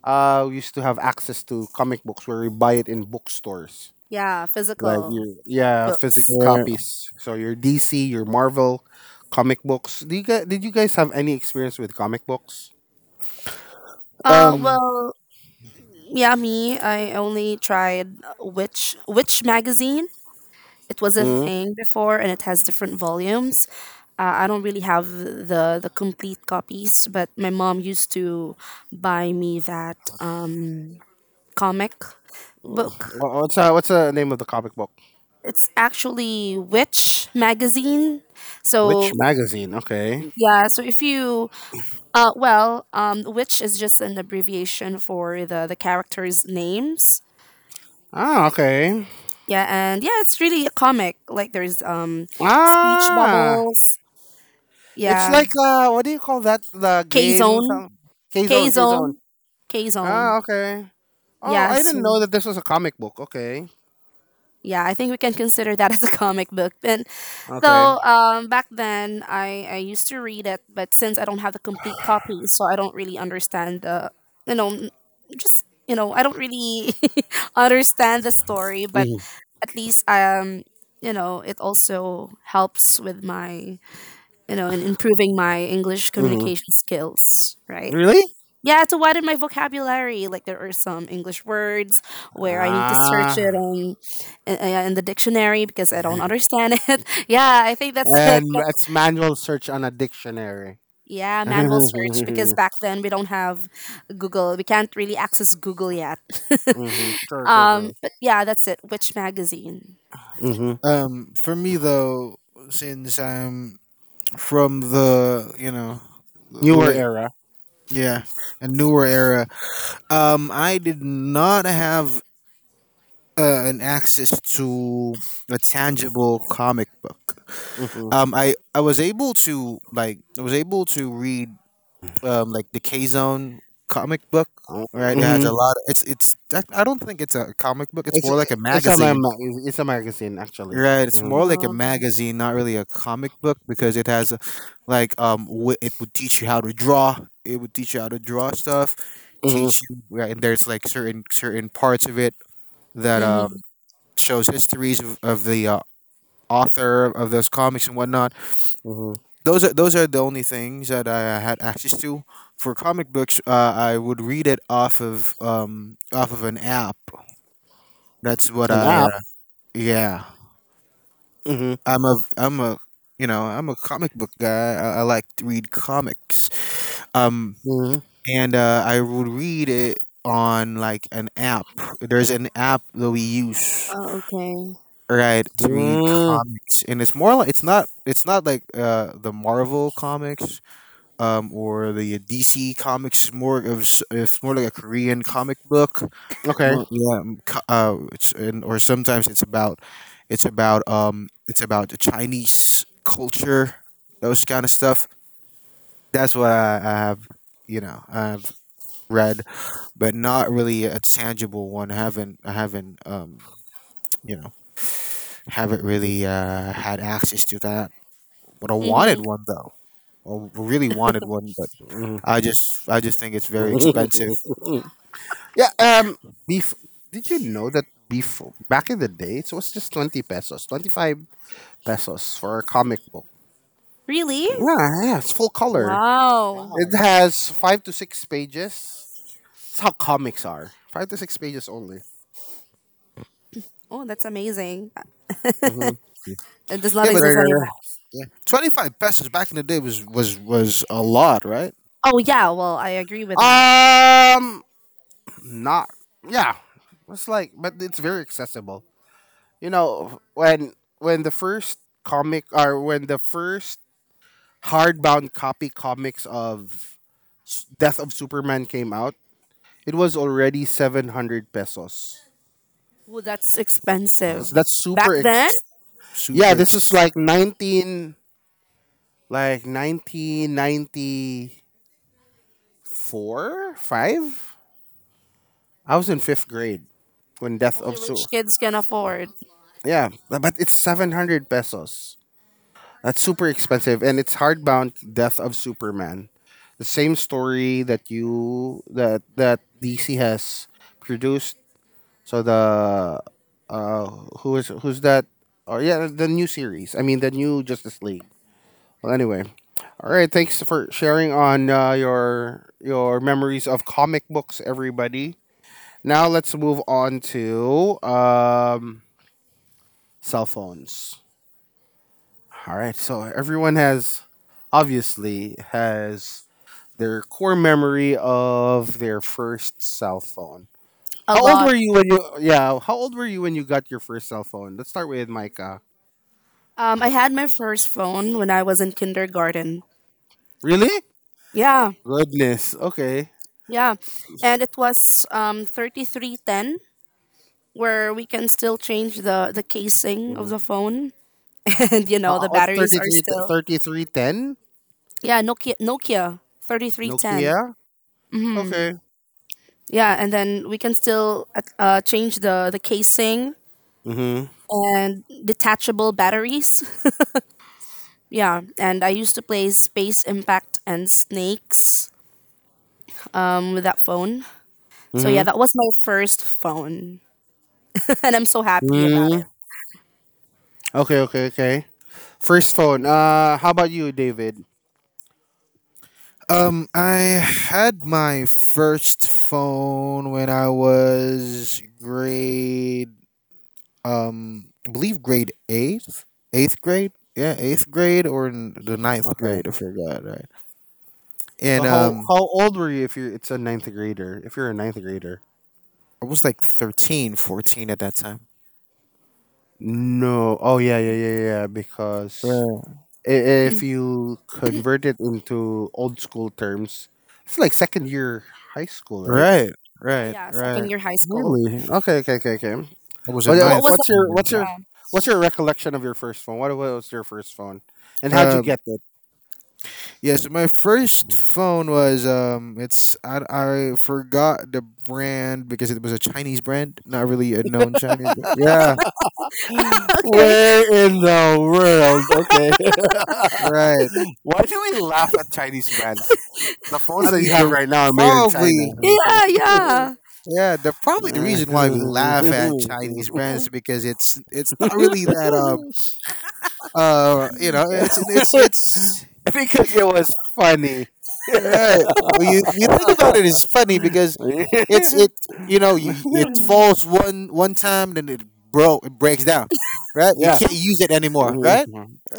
A: we used to have access to comic books where we buy it in bookstores.
C: Yeah,
A: Like your
C: physical
A: yeah,
C: books.
A: physical
B: Yeah.
A: copies. So your DC, your Marvel comic books. Did you guys have any experience with comic books?
B: Um,
C: Well, yeah, me. I only tried Witch magazine. It was a
A: Mm-hmm.
C: thing before and it has different volumes. I don't really have the complete copies, but my mom used to buy me that comic book.
A: What's the name of the comic book?
C: It's actually Witch magazine.
A: Which
C: So
A: magazine? Okay.
C: yeah, so if you well, Witch is just an abbreviation for the characters' names.
A: Ah, okay.
C: Yeah, and yeah, it's really a comic. Like there's speech
A: Ah,
C: bubbles.
A: it's
C: Yeah,
A: like what do you call that? The
C: K
A: game,
C: Zone.
A: some K
C: K
A: Zone, K
C: Zone.
A: Zone.
C: K Zone.
A: Ah, okay. Oh, I
C: Yes,
A: didn't know that this was a comic book. Okay,
C: yeah, I think we can consider that as a comic book. And
A: okay.
C: though back then I used to read it, but since I don't have the complete copy, so I don't really understand the you know I don't really understand the story, but
A: Mm-hmm.
C: at least you know it also helps with my you know in improving my English
A: Mm-hmm.
C: communication skills, right?
A: Really?
C: Yeah, to widen my vocabulary. Like there are some English words where I need to search it
A: Ah.
C: on in the dictionary because I don't understand it. Yeah, I think that's
A: And
C: it. But
A: it's manual search on a dictionary.
C: yeah, manual search because
A: Hmm.
C: back then we don't have Google. We can't really access Google yet.
A: Sure, sure, sure.
C: But yeah, that's it. Which magazine?
A: Hmm.
B: for me though, since I'm from the you know, the
A: Newer
B: la-
A: era.
B: yeah, a newer era. I did not have an access to a tangible comic book.
A: Hmm.
B: I was able to, like, I was able to read like the K Zone comic book. Right, it has
A: Hmm.
B: a lot. It's it's. I don't think it's a comic book. It's
A: It's
B: more like a
A: it's a my
B: magazine.
A: ma- it's a magazine actually.
B: Right, it's
A: Hmm.
B: more like a
C: No.
B: magazine, not really a comic book, because it has, like, it would teach you how to draw. It would teach you how to draw stuff, teach
A: Hmm.
B: you, right, and there's like certain parts of it that
C: Mm-hmm.
B: shows histories of the author of those comics and whatnot.
A: Hmm.
B: Those are the only things that I had access to. For comic books, I would read it off of an app. That's what
A: An
B: I
A: app.
B: yeah,
A: Hmm.
B: I'm a you know I'm a comic book guy. I like to read comics. Um,
A: Hmm.
B: and I would read it on like an app. There's an app that we use,
C: Oh, okay.
B: right, to read
A: Mm.
B: comics, and it's more like it's not like the Marvel comics or the DC comics. It's more like a Korean comic book.
A: Okay.
B: Yeah, it's, and, or sometimes it's about it's about it's about the chinese culture, those kind of stuff. That's what I have, you know, I've read, but not really a tangible one. I haven't you know haven't really had access to that, but I wanted
C: Mm-hmm.
B: one though. I really wanted one, but
A: Hmm.
B: I just think it's very expensive.
A: Yeah. Bef- did you know that before back in the day it was just 20 pesos, 25 pesos for a comic book.
C: Really?
A: Yeah, yeah. It's full color.
C: Wow.
A: It
B: Wow,
A: has 5 to 6 pages. That's how comics are. 5 to 6 pages only.
C: Oh, that's amazing.
A: Mm-hmm.
C: It does not
B: yeah, but
A: Right,
C: exist
A: right,
C: anymore.
B: yeah, 25 pesos back in the day was was a lot, right?
C: Oh yeah, well I agree with that.
A: right. Not. Yeah, it's like, but it's very accessible. You know, when the first comic or when the first hardbound copy comics of Death of Superman came out, it was already 700 pesos.
C: Ooh, that's expensive.
A: So that's
C: Back
A: super.
C: then,
A: Yeah,
B: Super.
A: this is like 1994, five. I was in 5th grade when Death
C: only
A: of
C: rich
A: Su.
C: kids can afford
A: Yeah, but it's 700 pesos. That's super expensive. And it's hardbound Death of Superman. The same story that DC has produced. So uh, who's that? Oh, yeah, the new series. I mean, the new Justice League. Well, anyway. All right. Thanks for sharing on your memories of comic books, everybody. Now let's move on to cell phones. All right, so everyone has obviously has their core memory of their first cell phone.
C: a
A: How old
C: lot.
A: were you when you yeah, how old were you when you got your first cell phone? Let's start with Micah.
C: I had my first phone when I was in kindergarten.
A: Really?
C: Yeah,
A: Goodness. Okay.
C: yeah, and it was 3310, where we can still change the casing of
A: Mm-hmm.
C: the phone, and you know the
A: What's
C: batteries are
A: 33
C: still
A: 3310?
C: yeah Nokia 3310.
A: Nokia? Okay.
C: Yeah, and then we can still change the casing
A: Mhm.
C: and detachable batteries. Yeah, and I used to play Space Impact and Snakes with that phone. So yeah,
A: Mhm.
C: that was my first phone, and I'm so happy about it.
A: Mm. Okay, okay, okay. First phone. How about you, David?
B: I had my first phone when I was grade, I believe grade eighth, eighth grade. Yeah, eighth grade or the ninth
A: Okay.
B: grade, I forgot, right?
A: So
B: And
A: how old were you, if you're it's a 9th grader? If you're a 9th grader.
B: I was like 13, 14 at that time.
A: No. Oh yeah, yeah, yeah, yeah, yeah. Because
B: Right,
A: if you convert it into old school terms, it's like second year high school, right?
B: right,
C: Yeah,
B: right,
C: yeah,
B: right.
C: second year high school.
A: Really? Okay, okay, okay, okay.
B: I was a
A: What uh,
C: What was
B: ninth
C: that?
A: what's your what's
C: Yeah.
B: grader.
A: your what's your recollection of your first phone? What was your first phone? And how'd you
B: Um,
A: get it?
B: Yeah, so my first phone was it's I forgot the brand because it was a Chinese brand, not really a known Chinese brand. Yeah,
C: Okay.
A: Where in the world? Okay.
B: right.
A: Why do we laugh at Chinese brands? The phones
B: I
A: that you
B: mean,
A: have
B: the
A: right now are made in China.
B: probably,
C: Yeah, yeah.
B: yeah, the probably the reason why we laugh at Chinese brands because it's not really that you know it's.
A: Because it was funny.
B: Right. Well, you think about it, it's funny because it's it you know you, it
C: Mm.
B: falls one time, then it breaks down, right? You
A: Yeah.
B: can't use it anymore, right?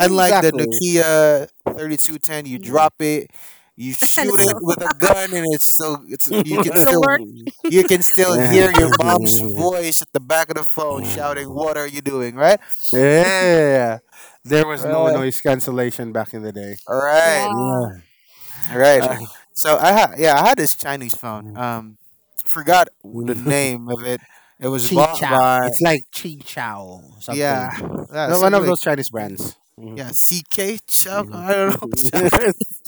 B: Unlike the Nokia 3210, you drop it, you
C: And
B: shoot it with a gun, and it's you can
C: it still
B: still
C: work.
A: Yeah.
B: hear your mom's voice at the back of the phone shouting, "What are you doing?" Right?
A: There was no
B: Right.
A: noise cancellation back in the day.
B: Right.
C: Yeah.
A: Yeah.
B: All right.
C: True.
A: Uh,
B: So I had, yeah, I had this Chinese phone. Forgot the name of it. It was
A: Chi
B: bought
A: Chow.
B: by,
A: It's like Chi Chow something.
B: yeah, yeah,
A: No, one
B: something
A: of
B: like,
A: those Chinese brands.
B: yeah, CK Chow.
A: Mhm.
B: I don't know. Chow.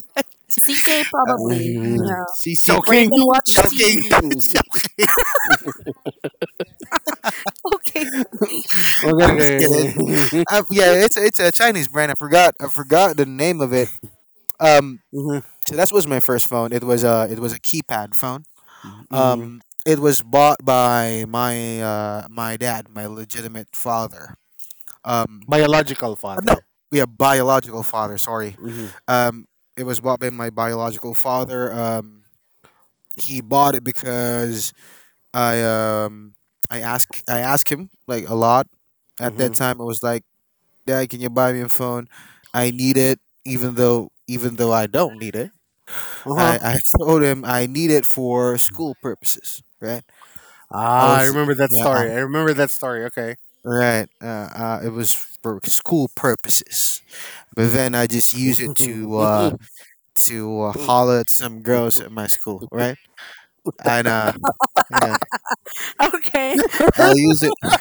C: CK
B: uh,
C: probably. Yeah. Where you
A: Joking.
B: CCK.
C: can watch
B: Chowking,
C: TV.
B: Chowking.
C: Okay.
B: I was
A: Okay,
B: kidding.
A: okay.
B: Yeah, it's it's a Chinese brand. I forgot the name of it. Um,
A: Hmm.
B: so that was my first phone. It was a keypad phone.
A: Hmm.
B: It was bought by my dad, my legitimate father. Um,
A: Biological
B: no,
A: father.
B: yeah, biological father. Sorry,
A: Hmm.
B: um, it was bought by my biological father. He bought it because I um, I ask I asked him like a lot at that
A: Hmm.
B: time. I was like, Dad, can you buy me a phone? I need it, even though I don't need it.
A: Uh-huh.
B: I told him I need it for school purposes, right? I
A: Ah, I
B: was,
A: remember that
B: yeah,
A: story. I remember that story. Okay.
B: right. It was for school purposes. But then I just use it
A: uh,
B: to holler at some girls at my school, right? And yeah,
C: Okay.
B: I use it.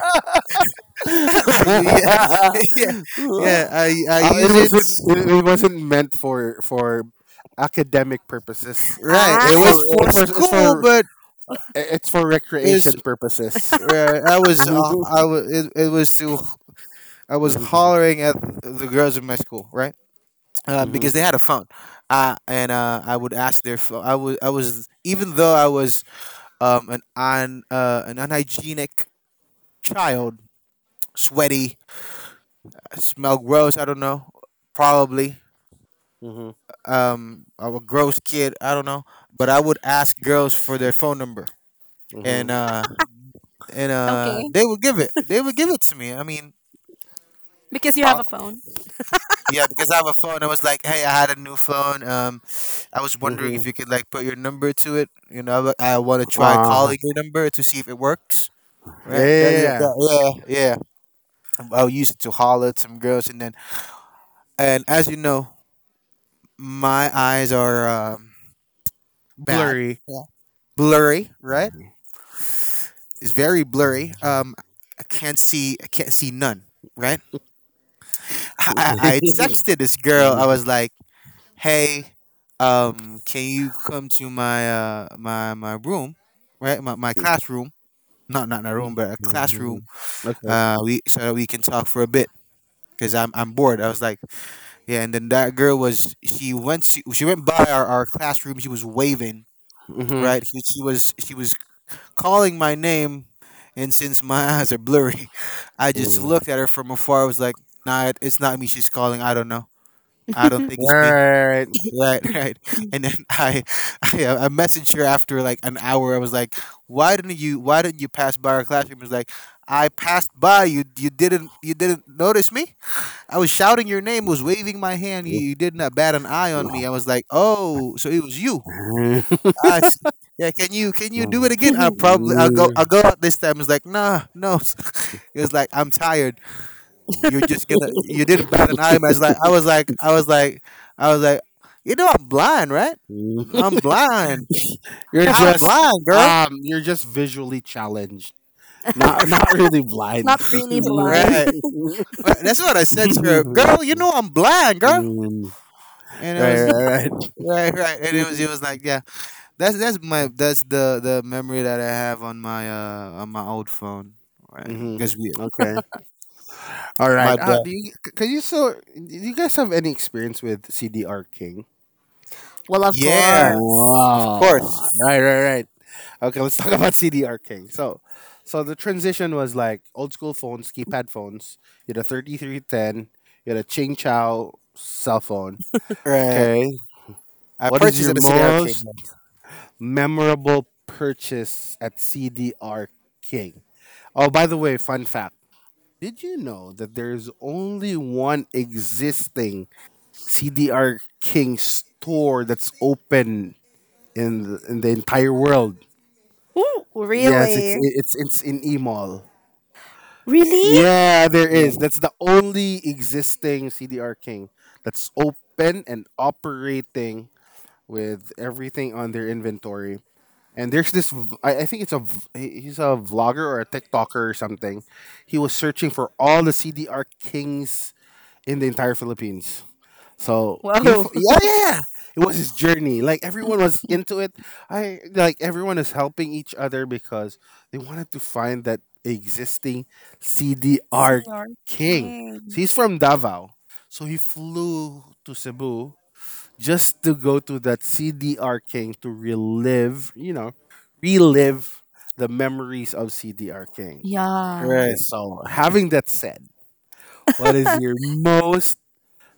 B: yeah, yeah, yeah. I
A: it
B: use it.
A: wasn't. It wasn't meant for academic purposes.
B: Right. It
A: It's
C: Ah.
B: was
A: for.
B: for
A: It's for. It's
B: school,
A: for.
B: but
A: It's for recreation
B: it's.
A: purposes. Hmm.
B: I was it was to, I was hollering at the girls in my school, right?
A: Hmm.
B: Because they had a phone, and I would ask their phone. I was, even though I was an an unhygienic child, sweaty, smell gross. I don't know. Probably.
A: Hmm.
B: I'm a gross kid. I don't know. But I would ask girls for their phone number, and
A: Mhm.
B: uh, and
C: Okay.
B: they would give it. They would give it to me. I mean,
C: Because you have a
B: pro-
C: phone.
B: yeah, because I have a phone. I was like, hey, I had a new phone. I was wondering if
A: Mhm.
B: you could like put your number to it. You know, I want to try
A: Uh-huh.
B: calling your number to see if it works.
A: Yeah, yeah,
B: Right?
A: yeah, yeah.
B: That- yeah, yeah. I used to holler at some girls, and then, and as you know, my eyes are. Um, bad.
A: Blurry.
B: Yeah. Blurry, right? It's very blurry. I can't see. I can't see none. Right? I texted this girl. I
A: Mhm.
B: was like, "Hey, can you come to my my room, right? My classroom. Not my room, but a classroom.
A: Mhm. Okay.
B: We, so that we can talk for a bit." Cause I'm bored. I was like, yeah. And then that girl was, she went to, she went by our classroom. She was waving,
A: Mhm.
B: right? She was calling my name, and since my eyes are blurry, I just
A: Mhm.
B: looked at her from afar. I was like, "Nah, it's not me. She's calling. I don't know. I don't think
A: All
B: it's me."
A: right.
B: Right, right. And then I messaged her after like an hour. I was like, "Why didn't you? Why didn't you pass by our classroom?" She was like, "I passed by. You didn't notice me. I was shouting your name, was waving my hand. You did not bat an eye on me. I was like, oh, so it was you." I s- yeah, can you do it again? I'll go out this time. It's like, nah, no. It was like, I'm tired. You're just gonna, you didn't bat an eye. I was like I was like I was like I was like, you know I'm blind, right? I'm blind.
A: You're
B: I'm
A: just
B: blind, girl.
A: you're just visually challenged. Not really
C: Not
A: blind.
C: really blind.
B: Right. But that's what I said to her. Girl, you know I'm blind, girl. And it
A: Right,
B: was,
A: right,
B: right, right. And
A: right.
B: it was like, yeah. That's my that's the memory that I have on my old phone. Right.
A: Hmm.
B: Because we, yeah,
A: Okay. All
B: my
A: right.
B: dad.
A: Can you, so do you guys have any experience with CDR King?
C: Well, of
B: Yeah,
C: course.
B: of
C: Yeah.
B: course.
A: Wow. Right, right, right. Okay, let's talk about CDR King. So the transition was like old school phones, keypad phones. You had a 3310. You had a Ching Chow cell phone.
B: Right.
A: Okay.
B: I
A: What is
B: purchased
A: your
B: it at the arcade.
A: most memorable purchase at CDR King? Oh, by the way, fun fact. Did you know that there is only one existing CDR King store that's open in the entire world.
C: Ooh,
A: Yes,
C: really?
A: it's in E Mall.
C: Really?
A: Yeah, there
B: Yeah.
A: is. That's the only existing CDR King that's open and operating with everything on their inventory. And there's this, I think it's a, he's a vlogger or a TikToker or something. He was searching for all the CDR Kings in the entire Philippines. So
C: Whoa!
A: yeah, yeah, yeah. It was his journey. Like everyone was into it. I like everyone is helping each other because they wanted to find that existing CDR
C: CDR
A: King.
C: King.
A: So he's from Davao, so he flew to Cebu just to go to that CDR King to relive, you know, relive the memories of CDR King.
C: Yeah.
A: And
B: Right.
A: so, having that said, what is your most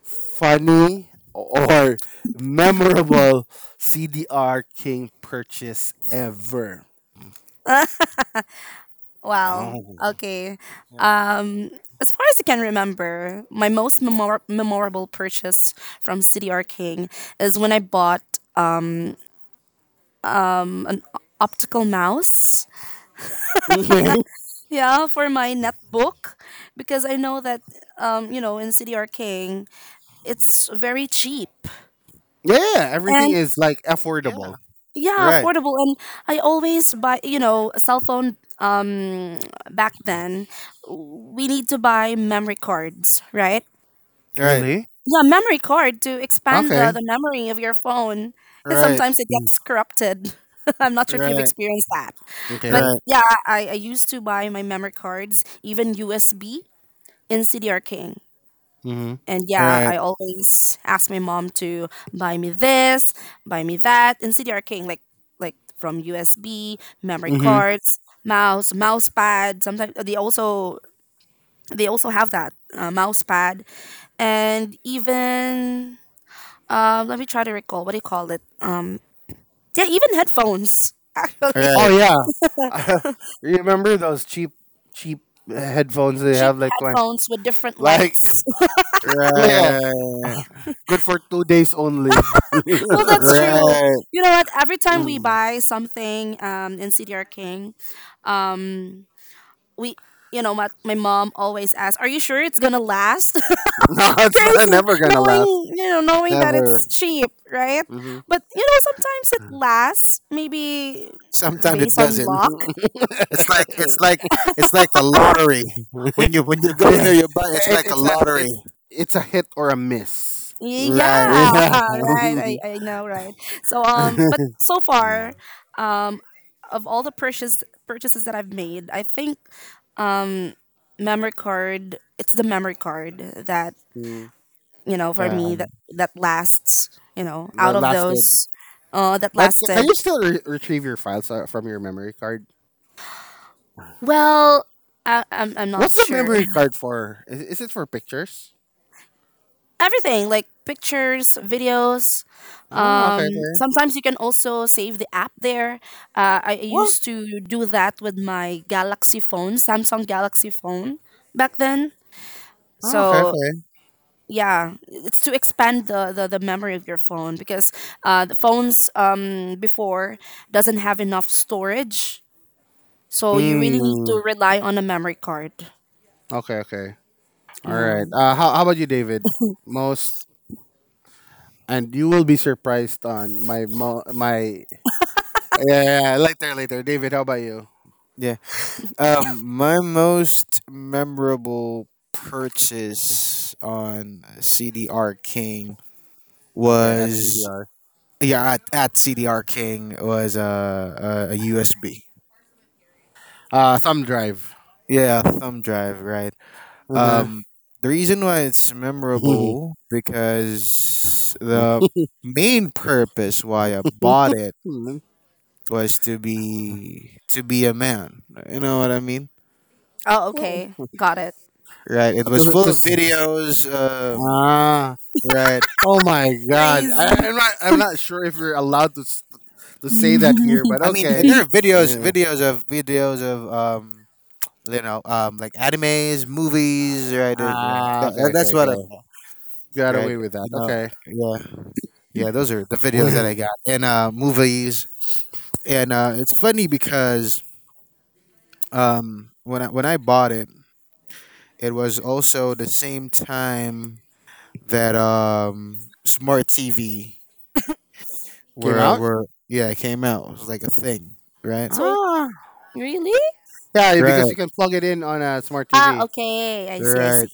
A: funny or memorable CDR King purchase ever?
C: Well,
A: Oh.
C: okay.
B: Yeah.
C: Um, as far as I can remember, my most memorable purchase from CDR King is when I bought an optical mouse.
A: Mhm.
C: Yeah, for my netbook, because I know that you know in CDR King it's very cheap,
A: Yeah, everything
C: and
A: is like
B: Yeah.
A: affordable.
C: yeah
B: Right.
C: affordable and I always buy you know a cell phone back then we need to buy memory cards, right?
B: Right.
A: Really?
C: Yeah, memory card to expand the,
A: Okay.
C: the memory of your phone and
B: Right.
C: sometimes it
A: Mm.
C: gets corrupted. I'm not sure if you've
B: Right.
C: experienced that but
A: Okay.
B: Right.
C: yeah I used to buy my memory cards even usb in cdr
A: Mhm.
C: and yeah,
B: Right.
C: I always ask my mom to buy me this, buy me that, and CDR King, like from USB, memory
A: Mhm.
C: cards, mouse, mouse pad. Sometimes they also have that mouse pad, and even let me try to recall what do you call it? Yeah, even headphones. Actually,
A: Oh
B: Right.
A: yeah. Remember those cheap headphones they
C: cheap
A: have like
C: headphones with different
A: like
C: lights.
A: yeah,
B: Right.
A: good for 2 days only.
C: Well, that's true.
B: Right.
C: You know what? Every time we buy something in CDR King, um, we you know my mom always asks are you sure it's gonna last?
A: No, it's not,
C: Crazy
A: never going to last.
C: knowing you know knowing that it's
B: Never.
C: cheap, right?
A: Mhm.
C: But you know sometimes it lasts maybe
B: Sometimes it
C: based on
B: doesn't.
C: luck,
B: It's like it's like it's like a lottery. When you go
A: Yeah.
B: there, you buy. It's
A: It,
B: like a
A: it's a it's
B: lottery.
A: it's a hit or a miss.
B: Right.
C: yeah.
A: Yeah.
C: Right, I know right. So but so
A: Yeah.
C: far um of all the purchase purchases that I've made I think um memory card it's the memory card that
A: Mm,
C: you know, for
B: Uh,
C: me that lasts, you know,
A: the
C: out of
A: lasted.
C: those that
A: But can
C: lasted.
A: you still retrieve your files from your memory card?
C: Well, I'm
A: What's
C: not
A: the
C: sure.
A: memory card for? Is it for pictures?
C: Everything like pictures, videos.
A: Oh,
C: Um
A: okay, okay.
C: sometimes you can also save the app there. I
A: What?
C: used to do that with my Galaxy phone, Samsung Galaxy phone back then.
A: Oh, okay,
C: So
A: okay.
C: yeah, it's to expand the memory of your phone because the phones before doesn't have enough storage. So you really need
A: Mm,
C: to rely on a memory card.
A: okay, okay. All
C: Yeah.
A: right. How about you, David? Most, and you will be surprised on my. Yeah, yeah, yeah, later, later. David, how about you?
B: yeah. My most memorable purchase on CDR King
A: Okay, at
B: was,
A: CDR.
B: yeah, at CDR King was a USB.
A: Thumb drive.
B: Yeah, thumb drive, right?
A: Uh huh.
B: Um, the reason why it's memorable because the main purpose why I bought it was to be a man. You know what I mean?
C: Oh, okay. Got it.
B: Right. It was full
A: To
B: of videos.
A: Ah,
B: Right.
A: oh my God!
C: Crazy.
A: I'm not. I'm not sure if you're allowed to to say that here, but
B: I mean,
A: okay.
B: there are videos,
A: Yeah.
B: videos of videos of like animes, movies, right? Yeah,
A: Ah, okay,
B: that's
A: okay,
B: what
A: okay. Got
B: right?
A: away with that. Okay.
B: Yeah, yeah. Those are the videos that
A: Mm.
B: I got, and movies. And it's funny because when I bought it, it was also the same time that smart TV
A: Came
B: were
A: out.
B: were yeah, it came out. It was like a thing, right?
C: So it,
A: Ah,
C: really?
A: yeah,
B: Right,
A: because you can plug it in on a smart
C: Ah,
A: TV.
C: okay. I see. I
B: right,
C: see.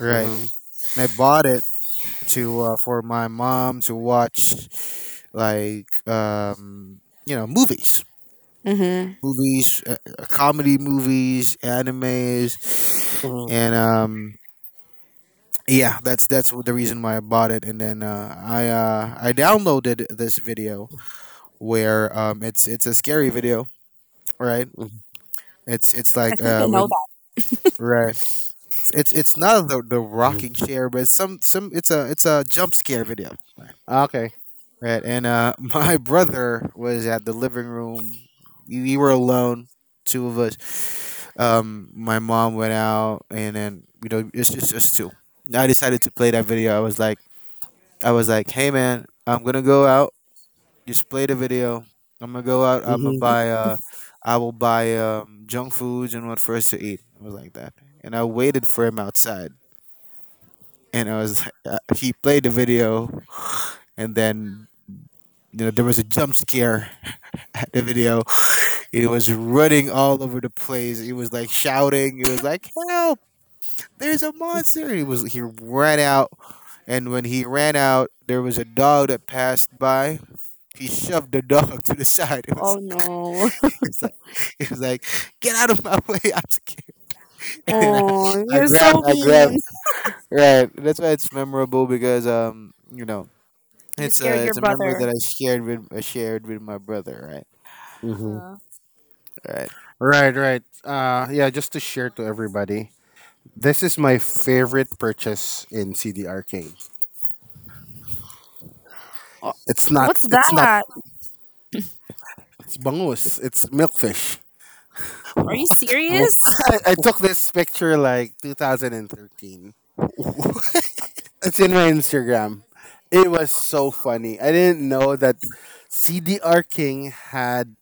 B: right.
A: Uh-huh.
B: And I bought it to for my mom to watch, like you know movies
C: Mm-hmm.
B: movies comedy movies, animes,
A: Uh
B: and yeah, that's the reason why I bought it. And then I downloaded this video where it's a scary video, right? It's
C: I
B: like
C: think I know
B: when,
C: that.
B: right, it's not the rocking
A: Mhm.
B: chair, but it's some, it's a jump scare video.
A: Okay.
B: Right, and my brother was at the living room. We were alone, two of us. My mom went out, and then it's just us two. I decided to play that video. I was like, hey man, I'm gonna go out. Just play the video. I'm gonna go out. I'm gonna
A: Hmm.
B: buy. I will buy junk foods and what for us to eat. I was like that, and I waited for him outside. And I was, like, he played the video, and then there was a jump scare at the video. It was running all over the place. It was like shouting. It was like, "Help! There's a monster!" It was. He ran out, and when he ran out, there was a dog that passed by. He shoved the dog to the side. It was.
C: Oh no.
B: It was like. It was like, "Get out of my way! I'm scared." And then I,
C: Oh,
B: I
C: you're
B: grabbed.
C: so
B: I grabbed.
C: mean.
B: Right. That's why it's memorable, because
C: You
B: it's
C: scared
B: a
C: your
B: it's a memory
C: brother.
B: that I shared with my brother. Right.
C: Uh,
B: Right.
A: Right, right. Yeah, just to share to everybody, this is my favorite purchase in CDRK.
C: oh,
A: It's not.
C: what's
A: It's not.
C: that?
A: It's bangus. It's milkfish.
C: Are you serious?
A: I took this picture like 2013.
B: What?
A: It's in my Instagram. It was so funny. I didn't know that CDR King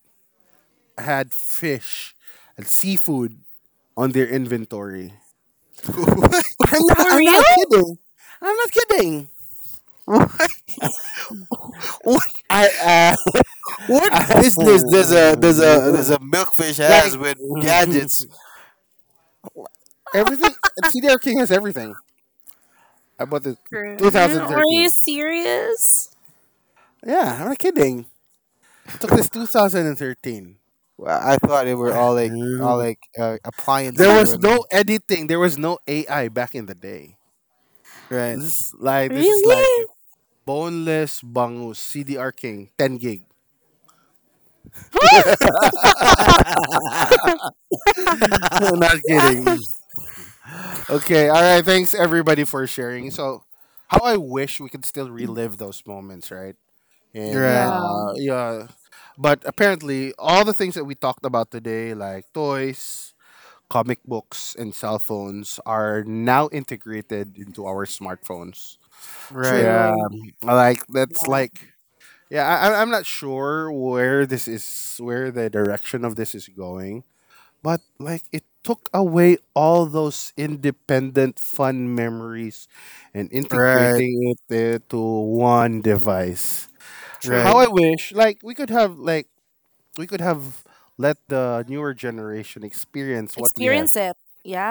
A: had fish and seafood on their inventory.
C: For
A: I'm
C: real?
A: not kidding. I'm not kidding.
B: What? What
A: I
B: what
A: uh,
B: business does a does a does a milkfish has
A: like
B: with gadgets?
A: everything. CDR King has everything. I bought this
C: Are
A: 2013.
C: you serious?
A: Yeah, I'm not kidding. Took this 2013.
B: Well, I thought they were all like
A: There
B: appliances or
A: was
B: whatnot.
A: no editing. There was no AI back in the day. This this is like
C: Really?
A: boneless bangus CDR King 10 gig.
B: Right.
A: Not kidding. Okay. All right. Thanks everybody for sharing. So, how I wish we could still relive those moments, right? And
B: Right,
C: Yeah.
A: yeah, but apparently all the things that we talked about today, like toys, comic books, and cell phones, are now integrated into our smartphones.
B: right,
A: Yeah,
C: True.
A: like that's
C: Yeah.
A: like yeah, I- am not sure where the direction of this is going, but like it took away all those independent fun memories and
B: right,
A: integrating it into one device.
B: right.
A: How I
C: True.
A: wish, like we could have, like we could have let the newer generation experience what we have.
C: Experience it.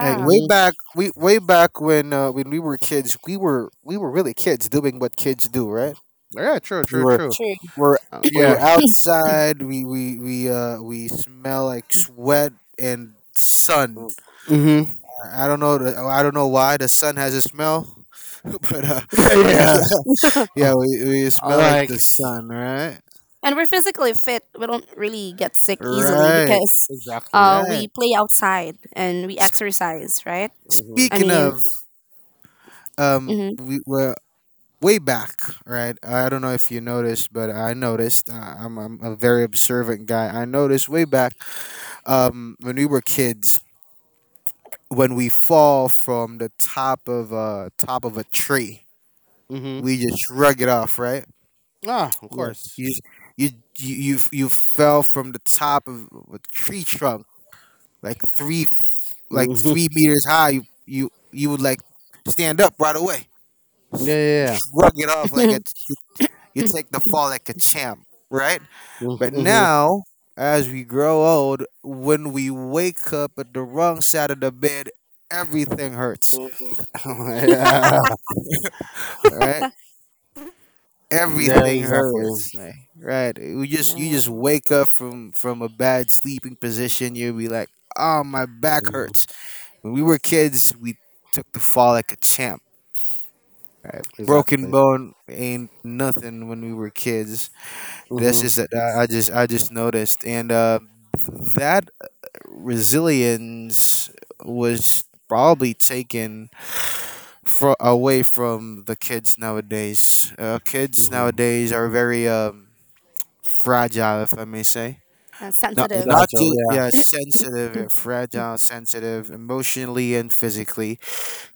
B: Like way
A: Mm-hmm.
B: back, we way back when we were kids, we were really kids doing what kids do, right?
A: Yeah, true,
B: We
A: true,
B: were
A: true.
C: true.
B: were we were
A: Yeah.
B: outside. We smell like sweat and sun.
A: Mm-hmm.
B: I don't know. I don't know why the sun has a smell, but yeah,
A: Yeah. Uh,
B: yeah, we smell like
A: like
B: the sun, right?
C: And we're physically fit. We don't really get sick easily
B: Right,
C: because
A: exactly.
B: right.
C: we play outside and we exercise, right?
A: Mm-hmm.
C: I
B: Speaking
C: mean,
B: of,
C: mhm.
B: we were way back, right? I don't know if you noticed, but I noticed. I'm a very observant guy. I noticed way back, when we were kids, when we fall from the top of a tree,
A: Mm-hmm.
B: we just shrug it off, right?
A: Ah, of
B: Yes,
A: course.
B: you you fell from the top of a tree trunk, like three like
A: Hmm.
B: 3 meters high. You would, like, stand up right away.
A: Yeah,
B: You
A: yeah,
B: shrug it off, like it's you take the fall like a champ, right?
A: yeah.
B: But
A: Mm-hmm.
B: now, as we grow old, when we wake up at the wrong side of the bed, everything hurts,
A: Yeah,
B: right?
A: yeah,
B: Everything
A: exactly,
B: hurts. Like, right? You just you
C: Yeah,
B: just wake up from a bad sleeping position. You'll be like, oh, my back
A: hmm,
B: hurts. When we were kids, we took the fall like a champ. Broken
A: exactly.
B: bone ain't nothing when we were kids. That's
A: Hmm.
B: just that I just noticed, and that resilience was probably taken fro away from the kids nowadays. Kids
A: Hmm.
B: nowadays are very fragile, if I may say. Not,
C: sensitive.
B: not
A: Gotcha.
B: just,
A: Yeah.
B: yeah, sensitive, yeah, fragile, sensitive, emotionally and physically.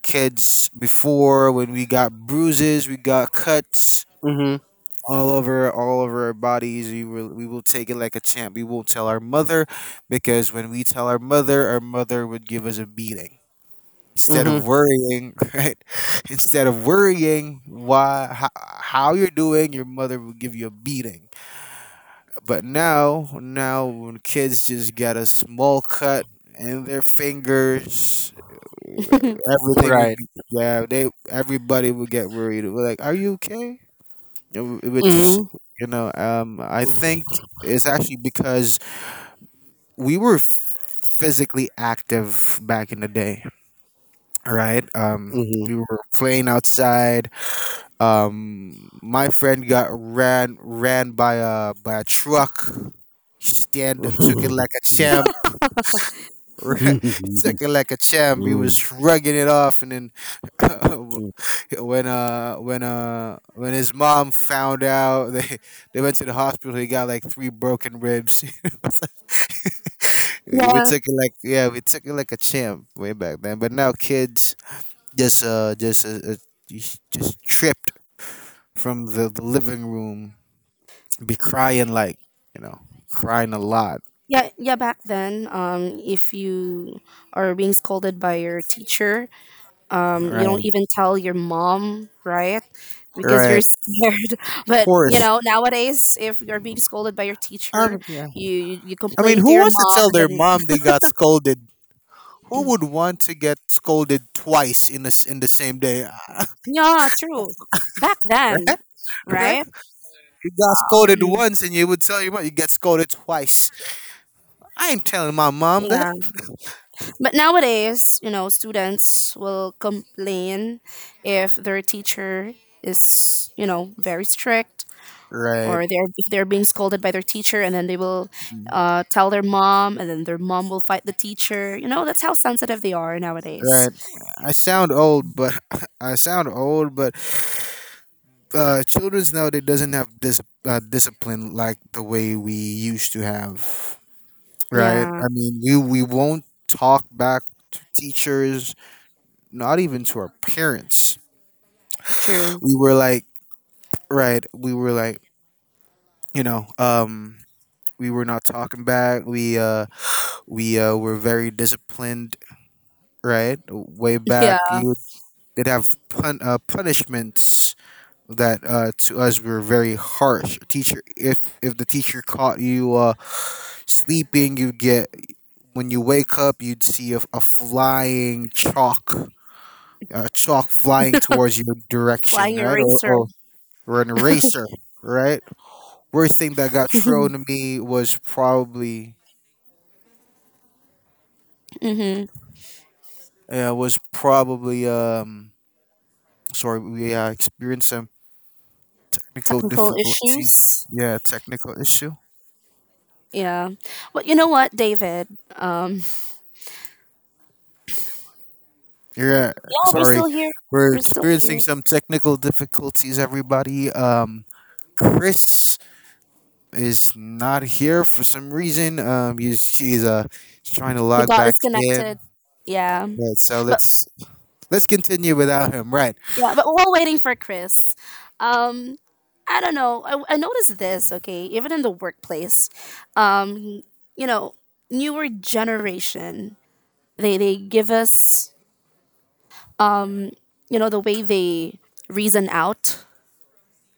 B: Kids before, when we got bruises, we got cuts
A: Hmm.
B: all over our bodies. We will take it like a champ. We won't tell our mother, because when we tell our mother would give us a beating. Instead of
A: Hmm.
B: worrying, right? Instead of worrying why how you're doing, your mother will give you a beating. But now, when kids just get a small cut in their fingers, everything would —
A: Right.
B: yeah, they everybody would get worried. We're like, "Are you okay?" Which,
A: Hmm.
B: I think it's actually because we were physically active back in the day, right? We were playing outside. My friend got ran by a truck. He stand took it like a champ. He took it like a champ. He
A: Hmm.
B: was shrugging it off, and then when his mom found out, they went to the hospital. He got like three broken ribs. we
C: Yeah,
B: took it like yeah, we took it like a champ way back then. But now kids just uh just uh, uh, just tripped from the living room, be crying, like, you know crying a lot,
C: yeah, yeah. Back then, if you are being scolded by your teacher, you don't
B: right.
C: even tell your mom, right? Because you're
B: Right, of
C: scared. But you
B: course.
C: know nowadays if you're being scolded by your teacher
B: Yeah.
C: you
B: I mean,
C: complain to
B: who
C: your
B: wants to
C: mom
B: tell
C: and
B: their
C: then
B: mom they got scolded? Who would want to get scolded twice in this in the same day?
C: yeah true back
B: Right?
C: then
B: Right?
C: right
B: You got scolded
C: um,
B: once, and you would tell your mom you get scolded twice? I ain't telling my mom that.
C: yeah but nowadays you know students will complain if their teacher is you know very strict
B: Right,
C: or they're if they're being scolded by their teacher and then they will tell their mom and then their mom will fight the teacher you know that's how sensitive they are nowadays,
B: right. I sound old, but I sound old but children's nowadays doesn't have this discipline like the way we used to have, right?
C: yeah
B: I mean, we won't talk back to teachers, not even to our parents.
C: true.
B: We were like, right? We were like, you know, um, we were not talking back. We were very disciplined, right? Way back,
C: Yeah.
B: you did have punishments that to us were very harsh. Teacher, if the teacher caught you sleeping, you get when you wake up, you'd see a flying chalk a chalk flying towards your direction, right? Or an eraser, right? Worst thing that got thrown to me was probably,
C: Mm-hmm.
B: uh, was probably, um, sorry, we experienced some technical difficulties. Yeah, technical issue.
C: Yeah but you know what David, um
B: Yeah,
C: yeah we're
B: sorry.
C: still here,
B: We're
C: we're still
B: experiencing
C: here,
B: some technical difficulties, everybody. Chris is not here for some reason. He's trying to
C: he
B: log
C: got
B: back
C: us
B: in.
C: connected yeah
B: But so
C: but
B: Let's continue without him. Right.
C: yeah but we while waiting for Chris, um I don't know. I noticed this, okay, even in the workplace. Um, you know, newer generation they give us you know the way they reason out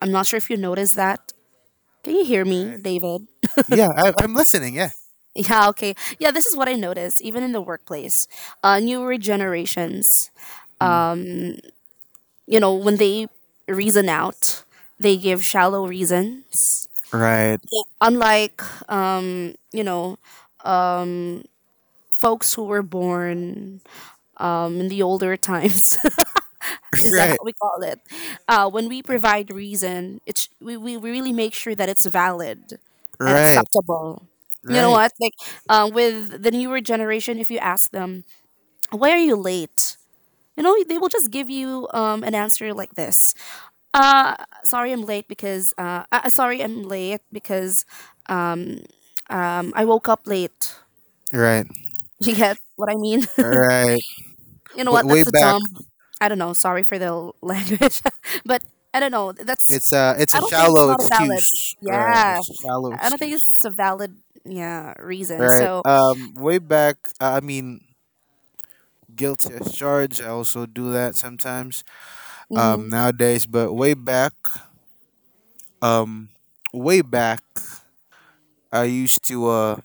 C: I'm not sure if you noticed that, can you hear me
B: Right.
C: David?
B: Yeah, I'm listening. Yeah.
C: Yeah okay yeah this is what I noticed even in the workplace, newer generations
B: Mm.
C: you know when they reason out they give shallow reasons
B: Right.
C: unlike you know folks who were born in the older times, is that how
B: Right.
C: we call it, when we provide reason it's we really make sure that it's valid and
B: Right.
C: acceptable you know
B: Right.
C: what like with the newer generation if you ask them why are you late you know they will just give you an answer like this, uh, sorry I'm late because sorry I'm late because um, I woke up late.
B: Right.
C: You get what I mean?
B: Right.
C: You know what,
B: Way
C: that's a
B: back.
C: dumb I don't know, sorry for language. But I don't know. That's
B: It's a it's
C: I
B: a
C: don't think it's
B: shallow
C: not a valid.
B: excuse. Right.
C: Yeah,
B: It's a shallow
C: I don't think
B: excuse.
C: it's a valid yeah reason.
B: Right.
C: So.
B: Way back. I mean, guilty as charged. I also do that sometimes.
C: Mhm.
B: Nowadays, but way back. Um. Way back. I used to,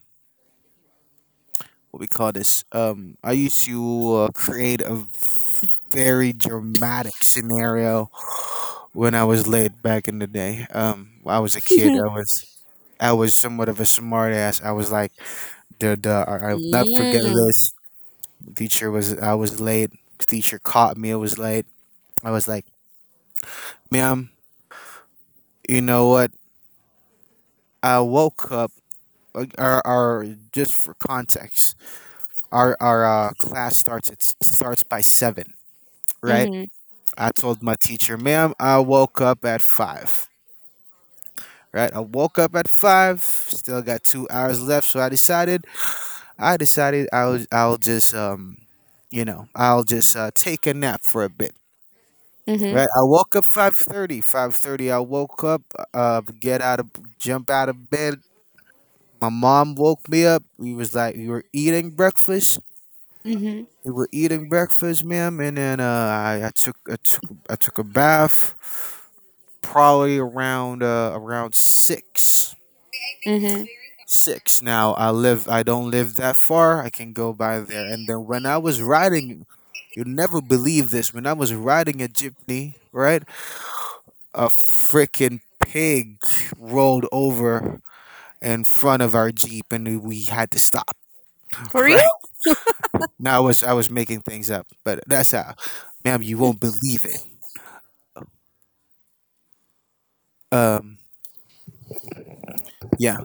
B: what we call this. I used to create a very dramatic scenario when I was late back in the day. I was a kid. I was somewhat of a smart ass. I was like, I'll not forget
C: Mm.
B: this. Teacher was. I was late. Teacher caught me. I was late. I was like, ma'am, you know what? I woke up. Our Just for context, our class starts it starts by seven, right?
C: Mhm.
B: I told my teacher, ma'am, I woke up at five. Right? I woke up at five, still got 2 hours left, so I decided I'll just I'll just take a nap for a bit.
C: Mhm.
B: Right? I woke up 5:30. 5:30 I woke up, get out of jump out of bed. My mom woke me up. We was like We were eating breakfast.
C: Mhm.
B: We were eating breakfast, ma'am, and then I took a bath, probably around around six.
C: Mhm.
B: Six now I don't live that far. I can go by there. And then, when I was riding you'll never believe this, when I was riding a jeepney, right, a freaking pig rolled over in front of our jeep and we had to stop.
C: For real?
B: Right? Now, I was making things up, but that's how, ma'am, you won't believe it. um yeah.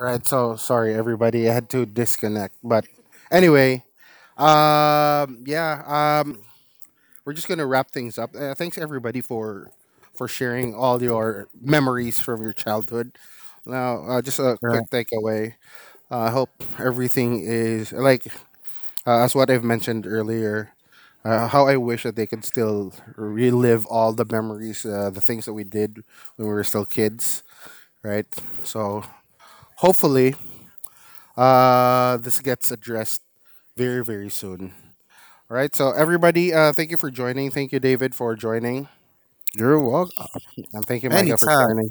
C: Right. So sorry, everybody. I had to disconnect. But anyway, yeah. We're just gonna wrap things up. Thanks everybody for sharing all your memories from your childhood. Now, just a
B: All right,
C: quick takeaway. I hope everything is like as what I've mentioned earlier, how I wish that they could still relive all the memories, the things that we did when we were still kids, right? So hopefully, this gets addressed very, very soon. All right. So everybody, thank you for joining. Thank you, David, for joining,
B: you're welcome
C: and thank you, Micah, for
B: anytime.
C: joining.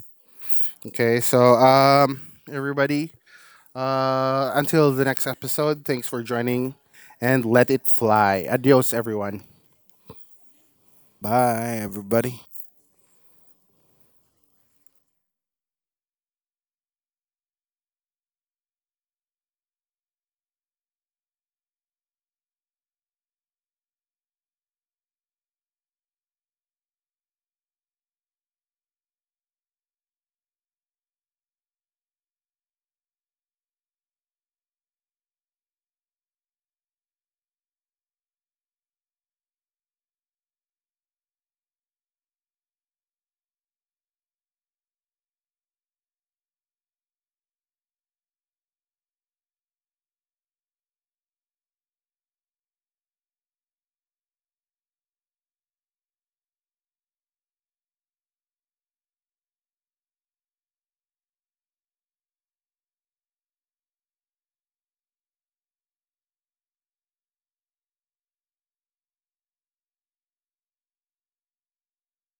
C: Okay. So everybody, until the next episode, thanks for joining, and let it fly. Adios, everyone.
B: Bye, everybody.